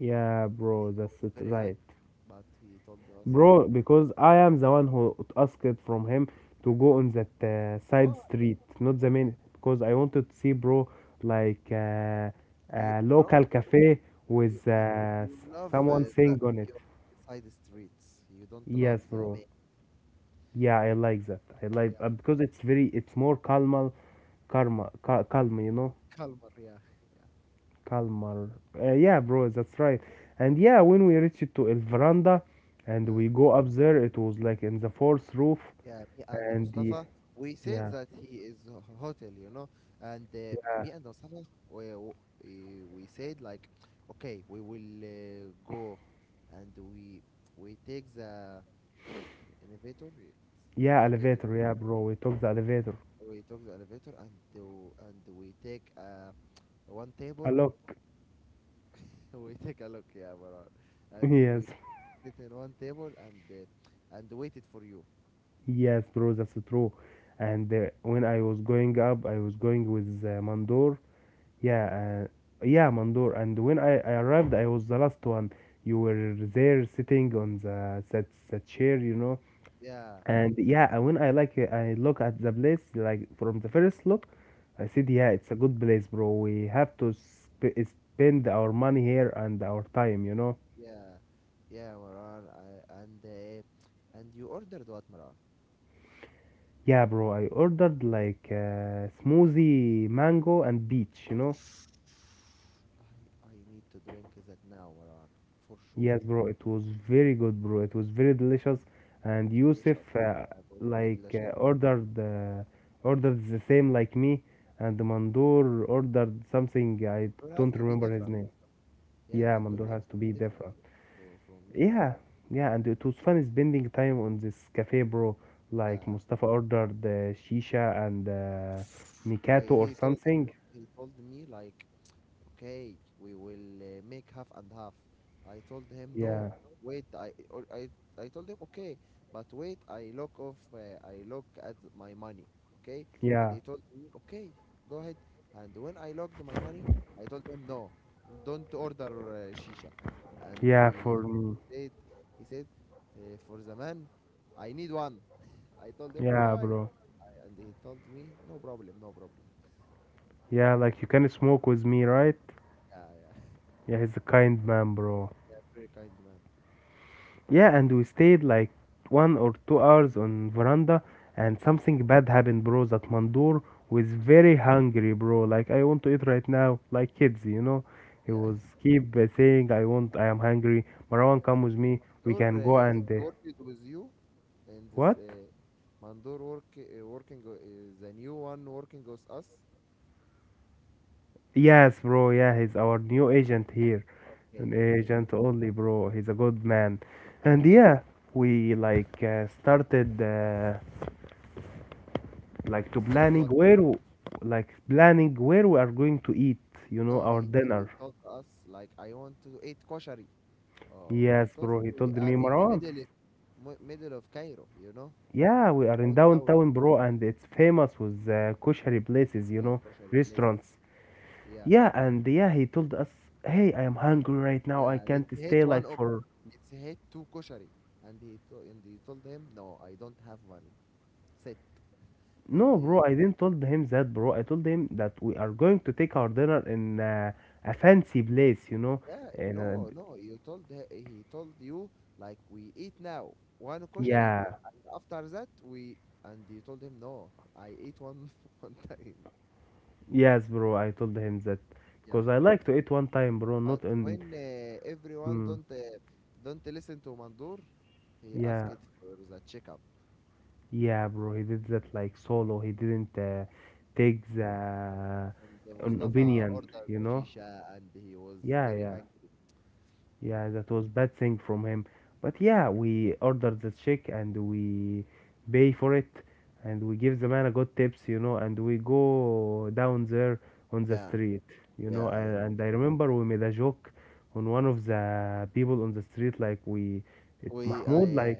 S1: Yeah,
S2: He
S1: bro,
S2: was
S1: that's it,
S2: very
S1: right,
S2: angry, but he told us, okay,
S1: bro? Because I am the one who asked from him to go on that side
S2: why,
S1: street, not the
S2: why?
S1: main, because I wanted to see, bro, like
S2: You,
S1: a
S2: Marwan,
S1: local cafe
S2: You
S1: with
S2: you,
S1: s-
S2: you love,
S1: someone
S2: the,
S1: sing on it.
S2: your side streets. You don't love
S1: Yes,
S2: the
S1: bro.
S2: main.
S1: Yeah, I like that. I like
S2: Yeah,
S1: because it's more calm. Karma, Kalma,
S2: Kalmar. Yeah, yeah,
S1: Kalmar. Yeah, bro, that's right. And yeah, when we reached to El Veranda,
S2: yeah.
S1: and we go up there, it was like in the fourth roof,
S2: Yeah, me and
S1: and the
S2: Mustafa, we said
S1: yeah,
S2: that he is a hotel, you know, and
S1: yeah,
S2: me and Mustafa, we, we said like, okay, we will, go, and we take the elevator,
S1: yeah,
S2: elevator.
S1: elevator. Yeah, bro, we took the elevator.
S2: We took the elevator and do, and we take, one
S1: A
S2: table.
S1: look,
S2: (laughs) We take a look, yeah, Maran, and we
S1: (laughs) yes,
S2: sit in one table, and and waited for you.
S1: yes, bro, that's true. And when I was going up, I was going with Mandor. Yeah, yeah, Mandor. And when I arrived, I was the last one. You were there sitting on that chair.
S2: Yeah.
S1: And yeah, and when I like it, I look at the place like from the first look, I
S2: Mm.
S1: said, yeah, it's a good place, bro. We have to spend our money here and our time.
S2: Yeah, yeah, Maran. I, and you ordered what, Maran?
S1: Yeah, bro. I ordered like smoothie, mango, and peach.
S2: I need to drink that now, Maran, for sure.
S1: Yes, bro. It was very good, bro. It was very delicious. And Yusuf,
S2: Delicious. Yeah, it was very
S1: like
S2: delicious.
S1: uh, ordered uh, ordered the same like me, and Mandur ordered something I
S2: Mandur have
S1: don't
S2: to be
S1: remember his
S2: different.
S1: name.
S2: Yeah,
S1: Yeah,
S2: Mandur
S1: Mandor
S2: have
S1: has
S2: to
S1: to
S2: be
S1: be
S2: different
S1: different.
S2: for from you.
S1: Yeah, yeah, and it was fun spending time on this cafe, bro. Like
S2: Yeah.
S1: Mustafa ordered the shisha and
S2: I
S1: Mikato or something.
S2: he told me like, okay, we will, make half and half. I told him, no,
S1: Yeah,
S2: wait, I told him, okay, but wait, I look off, I look at my money, okay? And
S1: yeah,
S2: he told me, okay, go ahead. And when I logged my money, I told him, no, don't order, shisha. And
S1: yeah,
S2: he,
S1: for me.
S2: he said, he said, for the man, I need one. I told him
S1: Yeah,
S2: why,
S1: bro.
S2: and he told me, no problem, no problem.
S1: Yeah, like you can smoke with me, right?
S2: Yeah, yeah,
S1: Yeah, he's a kind man, bro.
S2: (laughs) yeah, very kind man.
S1: Yeah, and we stayed like 1 or 2 hours on veranda, and
S2: Yeah.
S1: something bad happened, bro. That Mandur was very hungry, bro. Like I want to eat right now, like kids. He
S2: Yeah.
S1: was keep saying, "I want, I am hungry." Marwan,
S2: Yeah.
S1: come with me. We
S2: Mandor,
S1: can go
S2: he is
S1: and
S2: working with you, and this,
S1: what?
S2: Mandor working, the new one working with us.
S1: Yes, bro. Yeah, he's our
S2: Okay.
S1: new agent here.
S2: Okay.
S1: An
S2: Okay.
S1: agent only, bro. He's a good man. And
S2: Yeah.
S1: yeah, we like started. Like to
S2: Started
S1: planning
S2: what?
S1: where w- like planning where we are going to eat,
S2: No,
S1: our
S2: he
S1: dinner.
S2: he told us like, "I want to eat koshari." Oh,
S1: Yes,
S2: because
S1: bro, he
S2: we
S1: told me,
S2: are in the
S1: Marwan,
S2: middle of middle of Cairo,
S1: yeah, we are in
S2: downtown.
S1: downtown, bro, and it's famous with kosher places you
S2: Yeah,
S1: know
S2: koshari places.
S1: restaurants.
S2: Yeah,
S1: Yeah, and yeah, he told us, hey, I am hungry right now, I
S2: yeah.
S1: can't
S2: Let's
S1: stay
S2: hit one.
S1: like
S2: Of,
S1: for.
S2: let's hit two koshari. And he told him, no, I don't have money. Sit. And
S1: No, bro, I didn't told him that, bro. I told him that we are going to take our dinner in a fancy place.
S2: yeah,
S1: And
S2: no, no, you told he told you like we eat now one koshari,
S1: yeah.
S2: and after that we and you told him no, I ate one (laughs) one time.
S1: Yes, bro. I told him that
S2: Yeah,
S1: because I like to eat one time, bro.
S2: but
S1: Not in.
S2: when everyone
S1: Mm,
S2: don't listen to Mandur, he asked
S1: yeah,
S2: it for the checkup.
S1: yeah, bro. He did that like solo. He didn't
S2: Yeah,
S1: take the
S2: and
S1: an
S2: Mustafa
S1: opinion,
S2: ordered
S1: you know.
S2: shisha, and he was
S1: Yeah,
S2: very
S1: yeah.
S2: angry.
S1: Yeah, that
S2: Mm.
S1: was bad thing from him. But yeah, we ordered the check and we pay for it and we give the man a good tips, and we go down there on the
S2: Yeah,
S1: street,
S2: yeah, I
S1: and,
S2: know.
S1: and I remember we made a joke on one of the people on the street, like we it,
S2: Oh
S1: Mahmoud like
S2: yeah,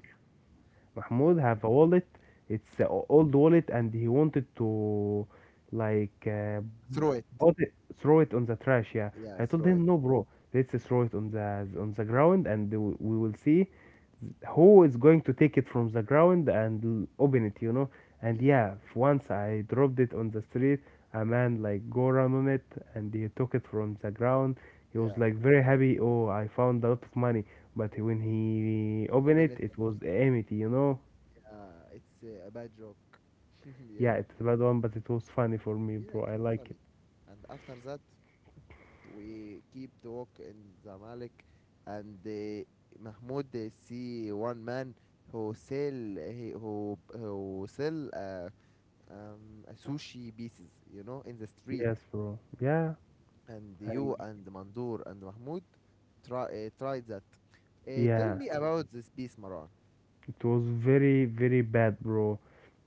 S1: Mahmoud
S2: yeah.
S1: have a wallet, it's an old wallet and he wanted to like
S2: Throw it.
S1: bought it, throw it on the trash. Yeah,
S2: Yeah,
S1: I told
S2: throw
S1: him
S2: it.
S1: no, bro. Let's throw it on the ground, and we will see who is going to take it from the ground and open it. You know. And
S2: Yeah,
S1: yeah, once I dropped it on the street, a man like go around on it, and he took it from the ground. He was
S2: yeah.
S1: like very happy. Oh, I found a lot of money. But when he opened
S2: Open
S1: it,
S2: it.
S1: it was empty. You know.
S2: It's a bad joke. (laughs)
S1: Yeah,
S2: yeah,
S1: it's a bad one, but it was funny for me,
S2: yeah, it
S1: bro. I
S2: was
S1: like it.
S2: funny. And after that, we keep the walk in Zamalek, and Mahmoud see one man who sell a sushi pieces, in the street.
S1: Yes, bro. Yeah,
S2: And
S1: and
S2: you and Mandur and Mahmoud try tried that. Tell
S1: yeah.
S2: me about this piece, Maran.
S1: It was very, very bad, bro.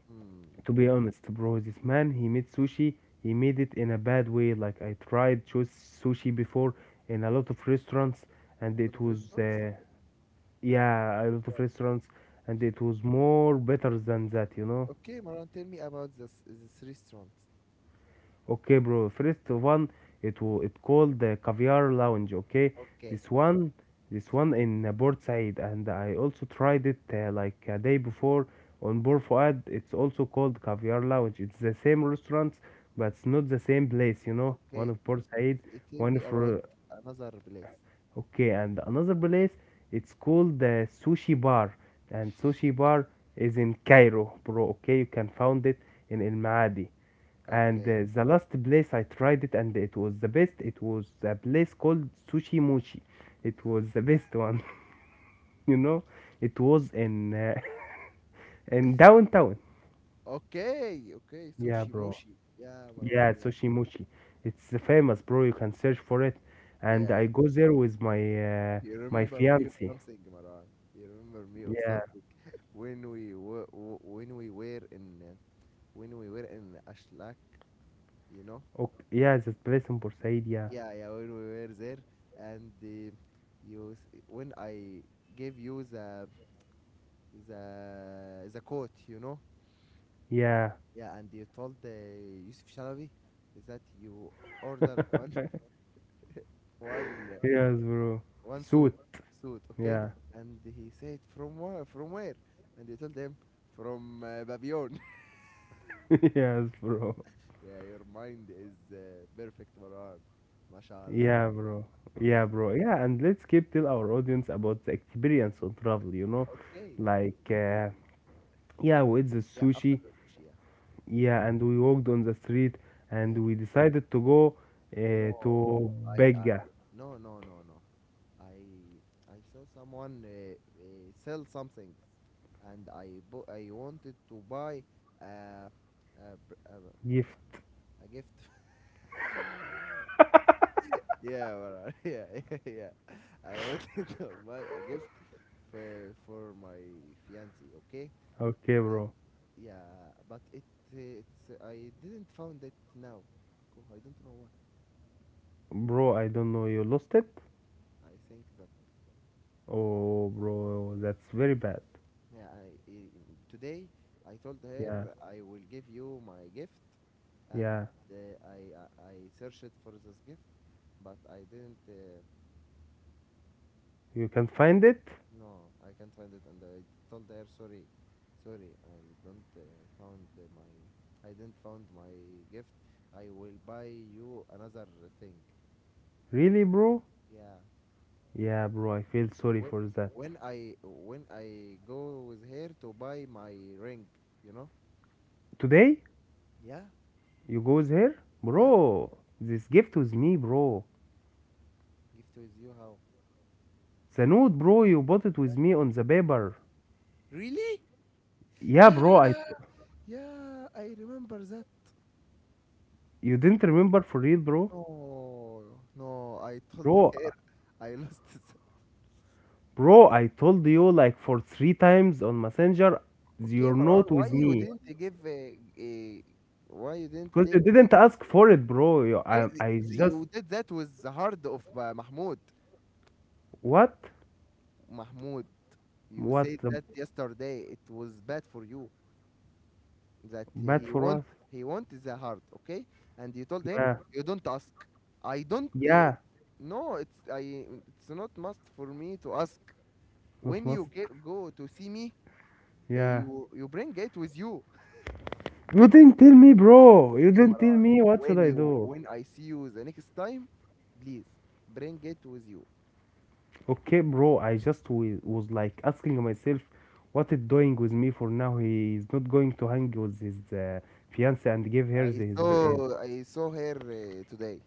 S2: Hmm.
S1: To be honest, bro, this man, he made sushi. He made it in a bad way. Like, I tried choose sushi before in a lot of restaurants, and
S2: A lot
S1: it
S2: of
S1: was,
S2: restaurants.
S1: yeah, a lot of restaurants, and it was more better than that, you know?
S2: Okay, Maran, tell me about this restaurant.
S1: Okay, bro. First one, it called the Caviar Lounge. Okay,
S2: Okay,
S1: this one, this one in Port Said, and I also tried it like a day before on Bor Fuad. It's also called Caviar Lounge. It's the same restaurants, but it's not the same place. You know, one
S2: okay.
S1: of Port Said,
S2: Tell
S1: one
S2: me about
S1: for.
S2: another place.
S1: Okay, and another place. It's called the Sushi Bar, and Sushi Bar is in Cairo, bro. Okay, you can find it in El Maadi and
S2: Okay,
S1: the last place I tried it and it was the best, it was a place called Sushi Mochi. It was the best one, (laughs) you know it was in (laughs) in downtown.
S2: okay, okay.
S1: Yeah,
S2: Sushi
S1: bro.
S2: Mushi. Yeah,
S1: Yeah,
S2: Maran. Yeah,
S1: Sushi Mochi. It's famous, bro, you can search for it. And
S2: yeah,
S1: I
S2: yeah.
S1: go there with my uh,
S2: You
S1: my
S2: remember me of
S1: fiance.
S2: something, Maran. You remember me of
S1: Yeah.
S2: something when we were when we were in uh, when we were in Ashlak. You know.
S1: Okay. Yeah, the place in Port Said. Yeah,
S2: Yeah, yeah. When we were there, and when I gave you the the coat.
S1: yeah,
S2: Yeah, and you told Yusuf Shalabi that you ordered one (laughs) one uh,
S1: yes, bro,
S2: one suit
S1: suit,
S2: suit, okay?
S1: yeah,
S2: And he said from where? From where? And you told him from Babylon.
S1: (laughs) yes, bro.
S2: (laughs) yeah, your mind is perfect, Marwan. MashaAllah.
S1: Yeah, bro. Yeah,
S2: Yeah.
S1: bro. Yeah, and let's keep tell our audience about the experience on travel, you know?
S2: Okay.
S1: Like, yeah, we ate the
S2: Yeah. After
S1: sushi.
S2: the sushi, yeah.
S1: Yeah, and we walked on the street
S2: Yeah.
S1: and we decided to go
S2: No,
S1: to
S2: I
S1: Begga.
S2: no no no no. I saw someone sell something, and I bought. I wanted to buy uh, a, br- a, br-
S1: Gift.
S2: a gift. (laughs) yeah, brother. (laughs) yeah, yeah, yeah. I wanted to (laughs) buy a gift for my fiancee. Okay,
S1: Okay,
S2: and
S1: bro.
S2: yeah, but it's I didn't found it now, because I don't know why.
S1: Bro, I don't know. You lost it?
S2: I think that
S1: Oh, bro, that's very bad.
S2: yeah, today I told
S1: Yeah,
S2: her I will give you my gift, and
S1: yeah.
S2: uh, I, I searched for this gift, but I didn't.
S1: You can find it?
S2: No, I can't find it, and I told her sorry, sorry. I don't found my. I didn't found my gift. I will buy you another thing.
S1: Really, bro?
S2: Yeah.
S1: Yeah, bro, I feel sorry
S2: When
S1: for that.
S2: when I go with her to buy my ring, you know.
S1: Today?
S2: Yeah.
S1: You goes here?
S2: Yeah.
S1: Bro, this gift with me, bro.
S2: Gift with you how?
S1: The note, bro, you bought it with me on the paper.
S2: Really?
S1: Yeah,
S2: Yeah,
S1: bro, I
S2: yeah, I remember that.
S1: You didn't remember for real, bro?
S2: No, no, I told
S1: Bro,
S2: her (laughs) I lost it.
S1: bro, I told you like for three times on Messenger,
S2: Okay,
S1: your
S2: Maran,
S1: note
S2: why
S1: with
S2: you
S1: me.
S2: didn't give a why you didn't
S1: Because you
S2: take.
S1: didn't ask for it, bro. You,
S2: Hey,
S1: I just,
S2: you did that with the heart of Mahmoud.
S1: What?
S2: Mahmoud, you
S1: What?
S2: said
S1: the-
S2: that yesterday it was bad for you that
S1: Bad
S2: he
S1: for
S2: want
S1: what?
S2: he want the heart, okay? And you told him
S1: Yeah,
S2: you don't ask. I don't
S1: yeah,
S2: no, it's I it's not must for me to ask.
S1: not
S2: When
S1: must.
S2: you go to see me,
S1: Yeah.
S2: you bring it with you.
S1: You didn't tell me, bro. You
S2: Hey,
S1: didn't tell
S2: Marwan,
S1: me. What should I do?
S2: when I see you the next time, please bring it with you.
S1: Okay, bro, I just was like asking myself what it doing with me for now. He is not going to hang with his fiance and give her
S2: I
S1: the, his. Br- his-
S2: saw I saw her today.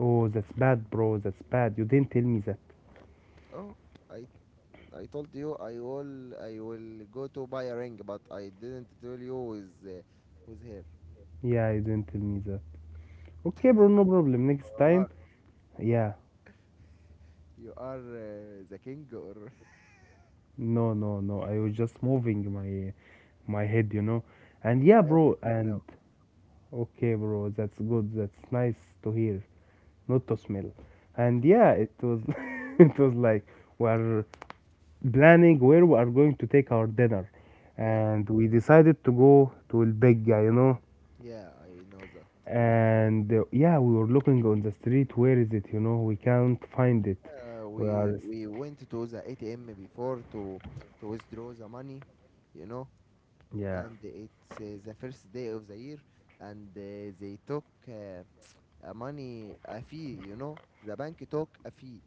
S1: oh, that's bad, bro. That's bad. You didn't tell me that.
S2: Oh, I I told you I will go to buy a ring, but I didn't tell you with with her.
S1: Yeah, you didn't tell me that. Okay, bro, no problem. Next time,
S2: Marwan,
S1: yeah.
S2: you are the king, or (laughs)
S1: No, no, no. I was just moving my head, you know. And yeah,
S2: I am the
S1: bro.
S2: king
S1: And
S2: now.
S1: Okay, bro. That's good. That's nice to hear, not to smell. And yeah, it was (laughs) it was like we're planning where we are going to take our dinner,
S2: Yeah,
S1: and we decided to go to El Bega, you know,
S2: yeah, I know that.
S1: and yeah, we were looking on the street where is it, you know, we can't find it, we
S2: We
S1: are.
S2: we went to the ATM before to withdraw the money, you know,
S1: Yeah,
S2: and it's the first day of the year, and they took a fee, you know, the bank took a fee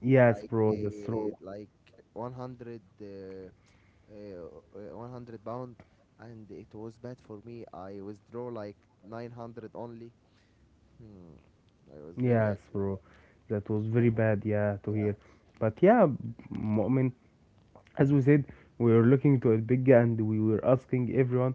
S1: yes, bro, that's true.
S2: like 100 uh, £100, and it was bad for me. I withdraw like 900 only. Hmm. I was very
S1: Yes, bro, that was very bad, yeah, to
S2: yeah
S1: hear. But yeah, I mean, as we said, we were looking to El Bega, and we were asking everyone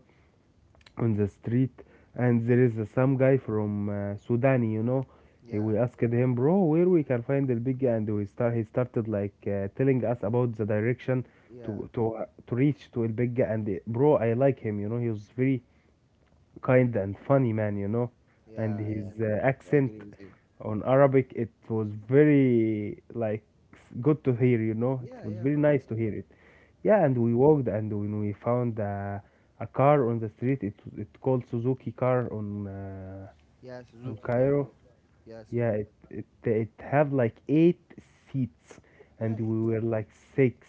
S1: on the street. And there is some guy from Sudan, you know. he
S2: yeah
S1: we asked him bro, where we can find the big, and we start he started like telling us about the direction
S2: yeah
S1: to reach to El Bigga. And bro, I like him, you know. He was very kind and funny man, you know, and
S2: yeah yeah.
S1: his
S2: I
S1: accent
S2: agree with you.
S1: on Arabic, it was very like good to hear, you know. It
S2: Yeah,
S1: was
S2: yeah,
S1: very
S2: Maran.
S1: nice to hear it. Yeah,
S2: Yeah,
S1: and we walked, and when we found a car on the street, it called Suzuki car
S2: yeah,
S1: on
S2: Suzuki car.
S1: Cairo.
S2: Yeah, yeah,
S1: Yeah,
S2: Suzuki.
S1: it have like eight seats,
S2: Yeah,
S1: and
S2: it's
S1: we
S2: it.
S1: were like six,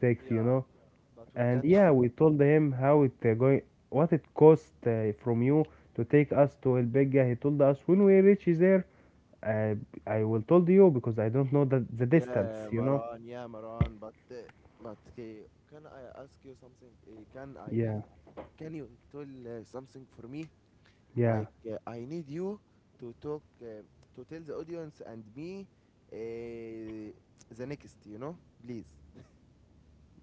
S1: six, you
S2: Yeah,
S1: know.
S2: but we
S1: And
S2: can't.
S1: yeah,
S2: (laughs)
S1: we told him how it going, what it cost from you to take us to El Bega. He told us when we reach there, uh, I will told you because I don't know the distance,
S2: Yeah,
S1: you know?
S2: Maran. Yeah, Maran. But okay, can I ask you something? Can I?
S1: Yeah,
S2: Can you tell something for me?
S1: yeah,
S2: Like I need you to talk uh, to tell the audience and me uh, the next. You know, please.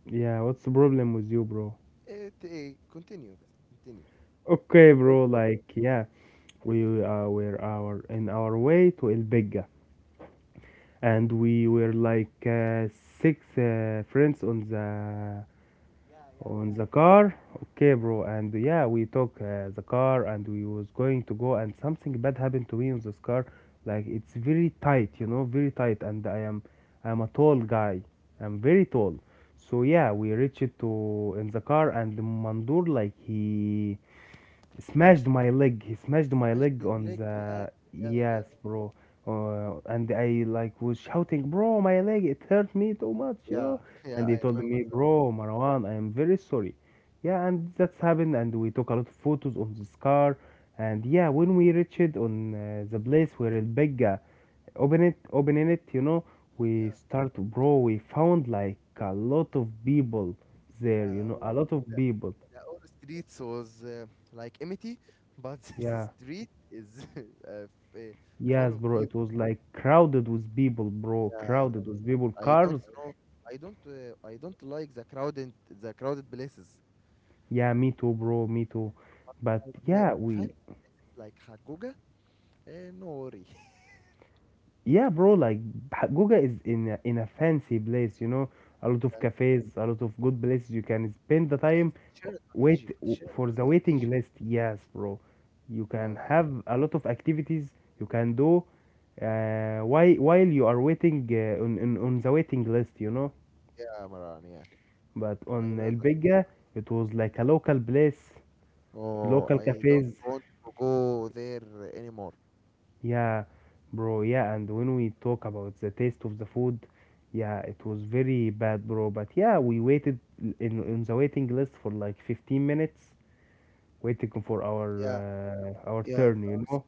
S1: yeah. What's the problem with you, bro?
S2: It continue. بس, Continue.
S1: Okay,
S2: Don't
S1: bro.
S2: worry.
S1: Like, yeah, we were our in our way to El Bega, and we were like six friends
S2: Yeah, yeah,
S1: on
S2: yeah.
S1: the car. Okay, bro. And yeah, we took the car, and we was going to go, and something bad happened to me on this car. Like, it's very tight, you know, very tight, and I am a tall guy. I'm very tall. So yeah, we reached it to in the car, and Mandur, like, he smashed my leg. He smashed my
S2: Smash
S1: leg
S2: your
S1: on
S2: leg. Yeah,
S1: the,
S2: yeah,
S1: yes,
S2: yeah.
S1: bro. And I like was shouting, bro, my leg, it hurt me too much, you know.
S2: Yeah, (laughs) yeah,
S1: And he
S2: I
S1: told
S2: remember
S1: me,
S2: that,
S1: bro,
S2: Marwan.
S1: Marwan, I am very sorry. Yeah, and that's happened. And we took a lot of photos on the scar. And yeah, when we reached on the place where El Bega open it, opening it, you know,
S2: Yeah,
S1: we start, bro. We found like a lot of people there, you
S2: uh,
S1: know,
S2: we,
S1: a lot of
S2: the,
S1: people.
S2: the old streets was like empty, but (laughs) the
S1: Yeah.
S2: street is (laughs) uh, full
S1: Yes,
S2: of
S1: bro, it
S2: people.
S1: was like crowded with people, bro.
S2: Yeah,
S1: Crowded with people,
S2: I don't
S1: cars.
S2: know. I don't. I don't like the crowded places.
S1: Yeah, me too, bro. Me too. But
S2: Like
S1: yeah, we.
S2: fancy places like Haguga. No worry. (laughs)
S1: Yeah, bro. Like, Goga is in a fancy place, you know. A lot of
S2: Yeah,
S1: cafes, a lot of good places. You can spend the
S2: yeah,
S1: time,
S2: it's Sheraton,
S1: wait
S2: Egypt.
S1: for
S2: Sheraton
S1: the
S2: in
S1: waiting
S2: Egypt.
S1: list. Yes, bro. You can
S2: Oh yeah,
S1: have a lot of activities you can do while you are waiting on, on the waiting list, you know.
S2: yeah, Maran. Yeah,
S1: But
S2: I
S1: on
S2: know
S1: El
S2: that.
S1: Bega, it was like a local place,
S2: Oh,
S1: local
S2: I don't
S1: cafes,
S2: want to go there anymore.
S1: yeah, bro. Yeah, and when we talk about the taste of the food, yeah, it was very bad, bro. But yeah, we waited in the waiting list for like 15 minutes, waiting for
S2: Yeah.
S1: our
S2: Yeah,
S1: turn, you
S2: if
S1: know.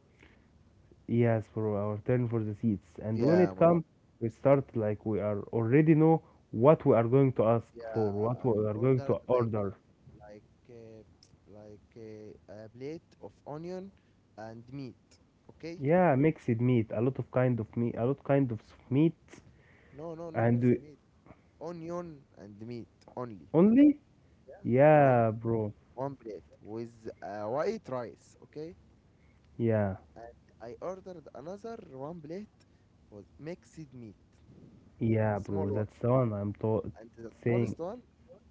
S1: Yes, bro, our turn for the seats. And when
S2: yeah,
S1: it
S2: Mara.
S1: comes, we start like we are already know what we are going to ask for,
S2: Yeah,
S1: what we
S2: I
S1: are going to
S2: ordered
S1: order.
S2: like uh, like a plate of onion and meat. Okay?
S1: Yeah, mixed meat, a lot of kind of meat, a lot kind of meat,
S2: No, no, not
S1: and
S2: mixed
S1: we
S2: meat. Onion and meat only.
S1: only.
S2: Yeah, one
S1: Yeah, bro.
S2: one plate with white rice. Okay?
S1: Yeah,
S2: And I ordered another one plate with mixed meat,
S1: yeah,
S2: small
S1: bro.
S2: one,
S1: That's the one I'm
S2: and the
S1: saying.
S2: smallest one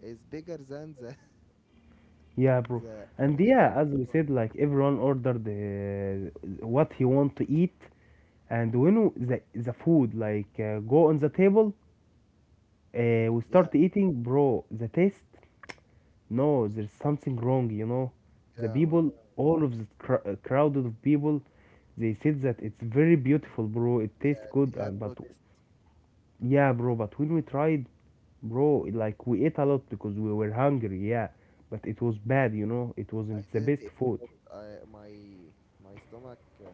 S2: is bigger than the
S1: Yeah, bro.
S2: (laughs) the,
S1: And
S2: the big
S1: yeah,
S2: one.
S1: as we said, like everyone ordered what he want to eat. And when the food like go on the table, we
S2: Yeah,
S1: start eating, bro. The taste, no, there's something wrong, you know. The
S2: yeah, Mara.
S1: people, all of the crowded of people, they said that it's very beautiful, bro. It tastes
S2: Yes,
S1: good,
S2: I have
S1: and but
S2: noticed.
S1: yeah, bro. But when we tried. Bro, like we ate a lot because we were hungry, yeah. But it was bad, you know. It
S2: I
S1: wasn't the
S2: didn't
S1: best
S2: eat,
S1: food.
S2: but my stomach.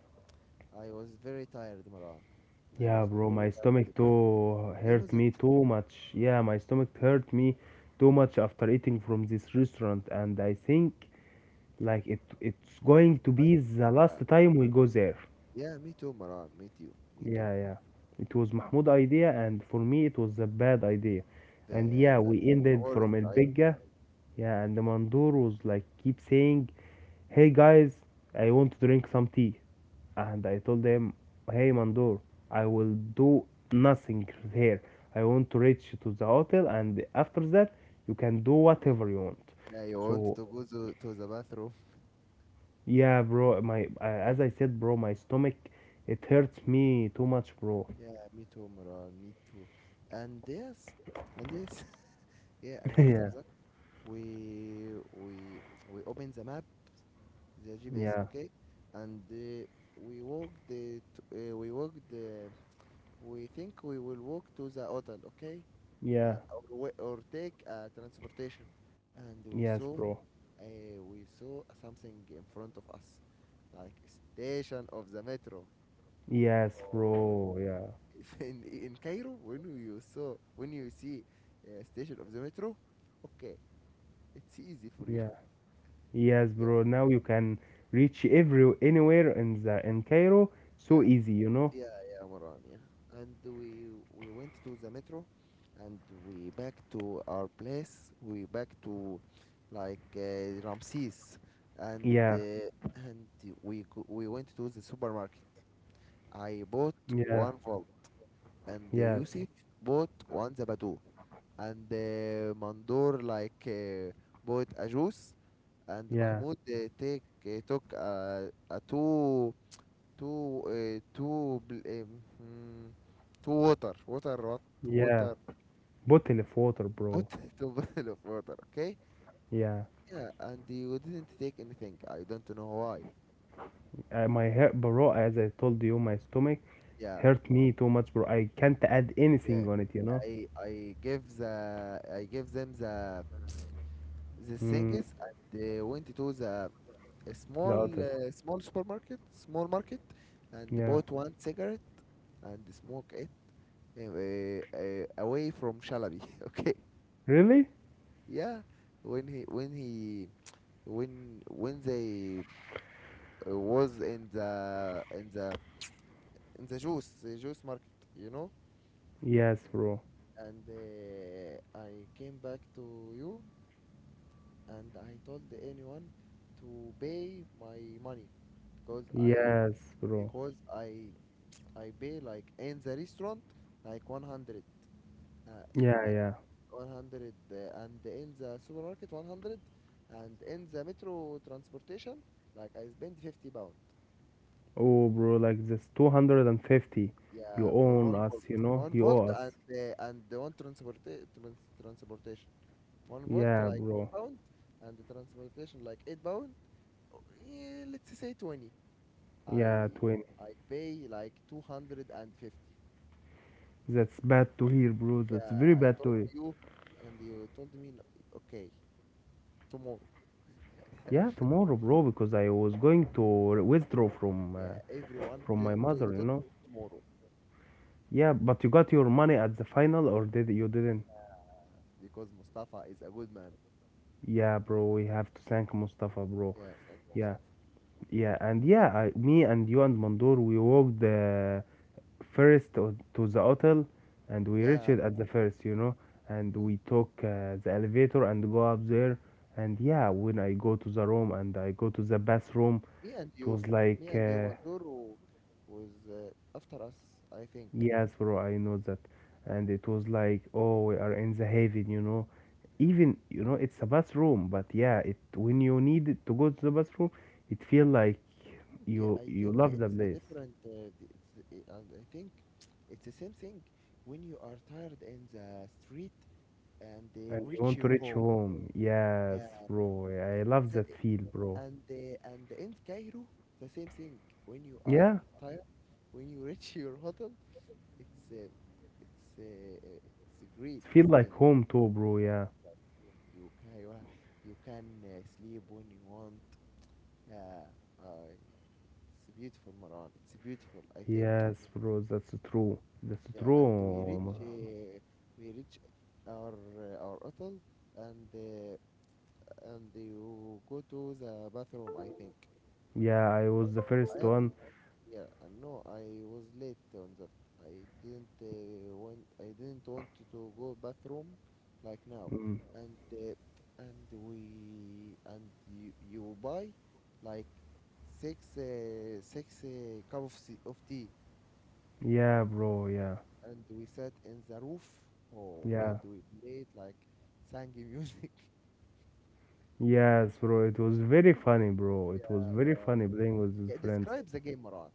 S2: I was very tired, Maran. I
S1: Yeah,
S2: was
S1: bro,
S2: very
S1: my stomach
S2: tired.
S1: too
S2: You know
S1: hurt
S2: that
S1: me too much. Yeah, my stomach hurt me too much after eating from this restaurant, and I think like it's
S2: it's
S1: going to
S2: like
S1: be the
S2: yeah,
S1: last time we go there.
S2: yeah. Me too, Maran. Me too. Me too.
S1: Yeah, yeah. It was Mahmoud idea, and for me it was a bad idea.
S2: The
S1: And
S2: yeah,
S1: yeah,
S2: the,
S1: we
S2: the
S1: ended
S2: worst.
S1: from El
S2: I
S1: Bigga. Yeah, and the Mandur was like keep saying, "Hey guys, I want to drink some tea." And I told him, "Hey Mandur, I will do nothing here. I want to reach to the hotel, and after that, you can do whatever you want."
S2: yeah. You wanted
S1: So
S2: to go to the bathroom.
S1: yeah, bro, my as I said, bro, my stomach, it hurts me too much, bro.
S2: Yeah, me too, Maran. Me too. And yes, and yes, (laughs) yeah. And
S1: (laughs)
S2: after
S1: yeah.
S2: that, we we we opened the map, the GPS,
S1: Yeah,
S2: okay? And we walked. We walked. We think we will walk to the hotel, okay?
S1: yeah,
S2: Or take transportation. And we
S1: yes,
S2: saw,
S1: bro,
S2: something in front of us, like station of the metro.
S1: yes,
S2: Oh.
S1: bro, yeah,
S2: (laughs) In Cairo, when when you see station of the metro, okay, it's easy for you.
S1: yeah.
S2: (laughs)
S1: Yes,
S2: Yeah,
S1: bro. Now you can reach every anywhere in the in Cairo so
S2: yeah.
S1: easy, you know?
S2: Yeah, yeah, Moran, yeah. And we went to the metro, and we back to our place. We back to like Ramses, and
S1: Yeah,
S2: and we went to the supermarket. I bought
S1: yeah,
S2: one volt, and
S1: yes,
S2: Yusuf bought one zabato, and Mandor like bought a juice, and
S1: yeah,
S2: Mahmoud take took a two two two bl- hmm, two water water what
S1: yeah.
S2: water
S1: Bottle of water,
S2: put
S1: bro.
S2: (laughs) two bottle of water (laughs) okay,
S1: Yeah,
S2: yeah, and you didn't take anything. I don't know why.
S1: my hair, bro. As I told you, my stomach
S2: Yeah,
S1: hurt me too much, bro. I can't add
S2: yeah.
S1: anything on it, you know?
S2: I give the I give them the
S1: Mm,
S2: things, and they went to the a small
S1: the other.
S2: small supermarket, small market, and
S1: Yeah.
S2: bought one cigarette and smoke it away from Shalabi. (laughs) Okay,
S1: Really?
S2: yeah, when he when he when they was in the in the juice, juice market, you know
S1: Yes, bro.
S2: and I came back to you, and I told anyone to pay my money, because i
S1: Yes, bro.
S2: because I pay like in the restaurant like 100 uh,
S1: Yeah,
S2: uh,
S1: yeah.
S2: 100 and in the supermarket 100 and in the metro transportation like I spend £50.
S1: Oh, bro, like this 250. You
S2: Yeah, for
S1: own us, you know?
S2: one
S1: You
S2: volt,
S1: owe us.
S2: and and the one transporta trans transportation, one volt
S1: Yeah,
S2: like ten
S1: bro.
S2: pound, and the transportation like £8. Oh, yeah, let's say 20. I
S1: Yeah, 20.
S2: I pay like 250.
S1: That's bad to hear, bro. That's
S2: Yeah,
S1: very
S2: I
S1: bad
S2: told
S1: to hear.
S2: you, and you told me, "No, okay, tomorrow." (laughs)
S1: Yeah, tomorrow, bro, because I was going to withdraw
S2: Yeah, everyone
S1: from my mother, you
S2: till
S1: know.
S2: tomorrow,
S1: Yeah, but you got your money at the final, or did you didn't?
S2: because Mustafa is a good man.
S1: Yeah, bro. We have to thank Mustafa, bro.
S2: Yeah, thank you,
S1: Yeah,
S2: Mustafa.
S1: yeah, and yeah, I, me and you and Mandor, we walked. First to the hotel, and we reached
S2: Yeah,
S1: at the first, you know. And
S2: yeah.
S1: we took the elevator and go up there. And yeah, when I go to the room and I go to the bathroom,
S2: Me and
S1: it
S2: you,
S1: was
S2: me
S1: like
S2: and you, Mandur was after us, I think.
S1: yes, bro, I know that. And it was like, oh, we are in the heaven, you know. Even, you know, it's a bathroom, but yeah, it, when you need it to go to the bathroom, it feel like you
S2: I
S1: you
S2: think
S1: love the
S2: it's a
S1: place,
S2: different. D- it's and I think it's the same thing when you are tired in the street and they
S1: and you
S2: reach
S1: want to
S2: your
S1: reach
S2: home.
S1: home. Yes,
S2: Yeah,
S1: bro, I love
S2: the,
S1: that feel, bro.
S2: and in Cairo the same thing. When you are
S1: Yeah,
S2: tired, when you (laughs) reach your hotel, it's it's a great
S1: feel like
S2: thing.
S1: home too, bro. Yeah,
S2: Like you can you can sleep when you want. Yeah, I, it's beautiful, Maran. It's beautiful, I think.
S1: yes, bro. That's true. That's
S2: Yeah, and
S1: true.
S2: we reach our hotel, and you go to the bathroom, I think.
S1: Yeah, I was
S2: But
S1: the first
S2: I am,
S1: one.
S2: yeah, no, I was late on that. I I didn't want to go bathroom, like now,
S1: Mm.
S2: and uh, and we and you buy, like, six cup of of tea,
S1: Yeah, bro. Yeah,
S2: and we sat in the roof, oh, and
S1: yeah,
S2: we played, like, sang music. (laughs)
S1: yes, bro. It was very funny, bro. It was
S2: Yeah,
S1: very
S2: Maran.
S1: funny playing with his
S2: Yeah,
S1: friends.
S2: describe the game, Maran.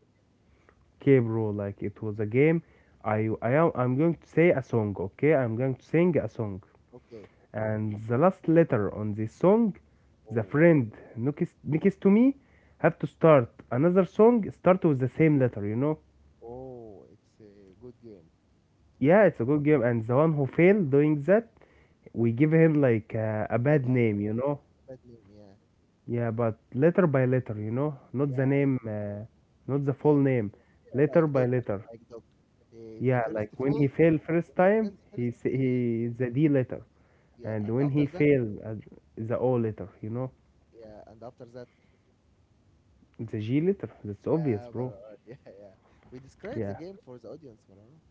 S1: Okay, bro. Like it was a game. I'm going to say a song. Okay, I'm going to sing a song.
S2: Okay.
S1: And the last letter on this song, the
S2: Oh,
S1: friend next to me, have to start another song start with the same letter. You know?
S2: oh, it's a good game.
S1: Yeah, it's a good game, and the one who failed doing that, we give him like a
S2: I,
S1: bad
S2: I love
S1: name. You know?
S2: that name. Yeah,
S1: Yeah, but letter by letter. You know? Not
S2: yeah,
S1: the
S2: I,
S1: name, not the full
S2: yeah,
S1: name.
S2: yeah,
S1: Letter
S2: like
S1: by
S2: dog,
S1: letter.
S2: like dog. The
S1: Yeah,
S2: first
S1: like when he
S2: fault
S1: failed first
S2: when he
S1: time,
S2: kills the
S1: he
S2: first,
S1: s-
S2: yeah,
S1: he the D letter,
S2: yeah,
S1: and
S2: and
S1: when
S2: after
S1: he
S2: that,
S1: failed, the O letter. You know?
S2: yeah, and after that,
S1: The G letter. That's
S2: yeah,
S1: obvious, bro.
S2: Marwan, (laughs) yeah, yeah. We describe the
S1: Yeah,
S2: game for the audience, Marwan.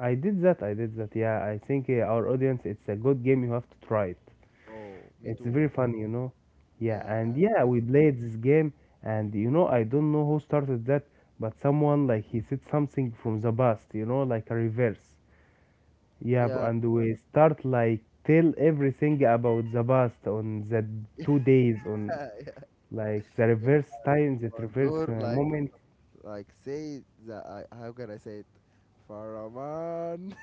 S1: I did that. I did that. Yeah, I think our audience, it's a good game. You have to try it.
S2: Oh, me
S1: It's
S2: too.
S1: very fun, you know. Yeah,
S2: Yeah,
S1: and
S2: and
S1: yeah, we played this game, and you know, I don't know who started that, but someone like he said something from the past, you know, like a reverse.
S2: (laughs)
S1: Yeah, bro,
S2: yeah,
S1: and we start like tell everything about the past on the
S2: (laughs) yeah,
S1: 2 days on
S2: yeah,
S1: like the
S2: yeah.
S1: reverse
S2: And
S1: time, the reverse
S2: Bardur,
S1: moment.
S2: like say the I, how can I say it, Faraman?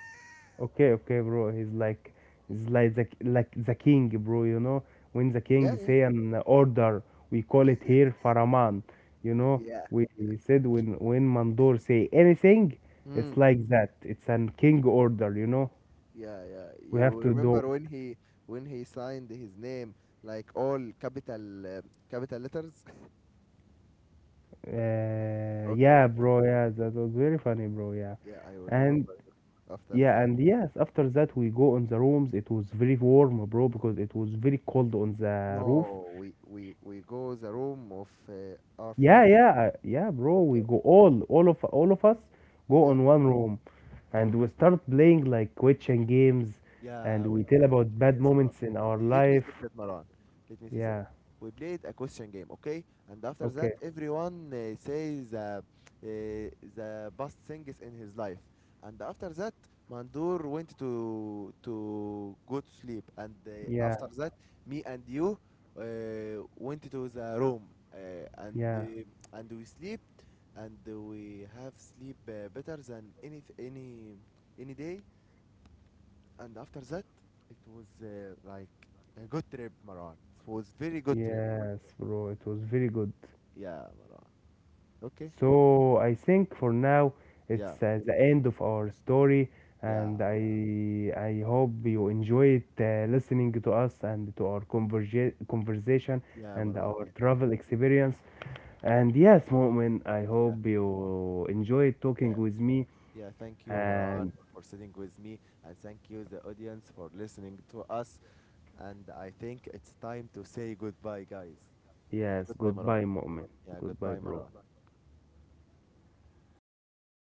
S1: Okay, okay, bro. He's like, the like the king, bro. You know, when the
S2: (laughs) yeah,
S1: king say an order, we call it here faraman. You know,
S2: yeah,
S1: we said when Mandor say anything, it's
S2: yeah.
S1: like that. It's an king order. You know,
S2: Yeah, yeah.
S1: we have
S2: You
S1: to do
S2: remember
S1: it.
S2: when he signed his name like all capital capital letters? (laughs) Okay,
S1: Yeah, bro. Yeah, that was very funny, bro. Yeah,
S2: yeah, I will
S1: and
S2: remember you after
S1: yeah,
S2: the.
S1: and yes. After that, we go on the rooms. It was very warm, bro, because it was very cold on the roof.
S2: No, we go the room of our
S1: Yeah,
S2: friend.
S1: yeah, yeah, bro. We
S2: Okay,
S1: go all of us go
S2: yeah.
S1: on one room, and we start playing like question games, and
S2: Yeah, we
S1: we tell
S2: played
S1: about
S2: question
S1: bad
S2: games, Maran.
S1: moments in our
S2: Let me
S1: life.
S2: say that, Maran. Let me say that.
S1: Yeah.
S2: We played a question game, okay? And after
S1: Okay.
S2: that, everyone says the best things in his life. And after that, Mandur went to go to sleep. And
S1: Yeah.
S2: after that, me and you went to the room, uh, and
S1: Yeah.
S2: uh, and we sleep, and we have sleep better than any day. And after that, it was like a good trip, Maran. It was very good trip.
S1: Yes, bro. It was very good.
S2: Yeah, Maran. Okay,
S1: So I think for now
S2: yeah,
S1: it's the end of our story,
S2: yeah,
S1: and I hope you enjoyed listening to us and to our converge conversation
S2: yeah,
S1: and
S2: Maran,
S1: our
S2: yeah,
S1: travel experience. And yes, Mu'min, I
S2: yeah,
S1: hope you enjoyed talking
S2: yeah,
S1: with me.
S2: yeah. Thank you, Maran,
S1: And
S2: for sitting with me, and thank you the audience for listening to us. And I think it's time to say goodbye, guys. And
S1: yes,
S2: goodbye, Maran.
S1: goodbye, Mu'min.
S2: Yeah,
S1: Goodbye,
S2: goodbye,
S1: bro.
S2: Maran.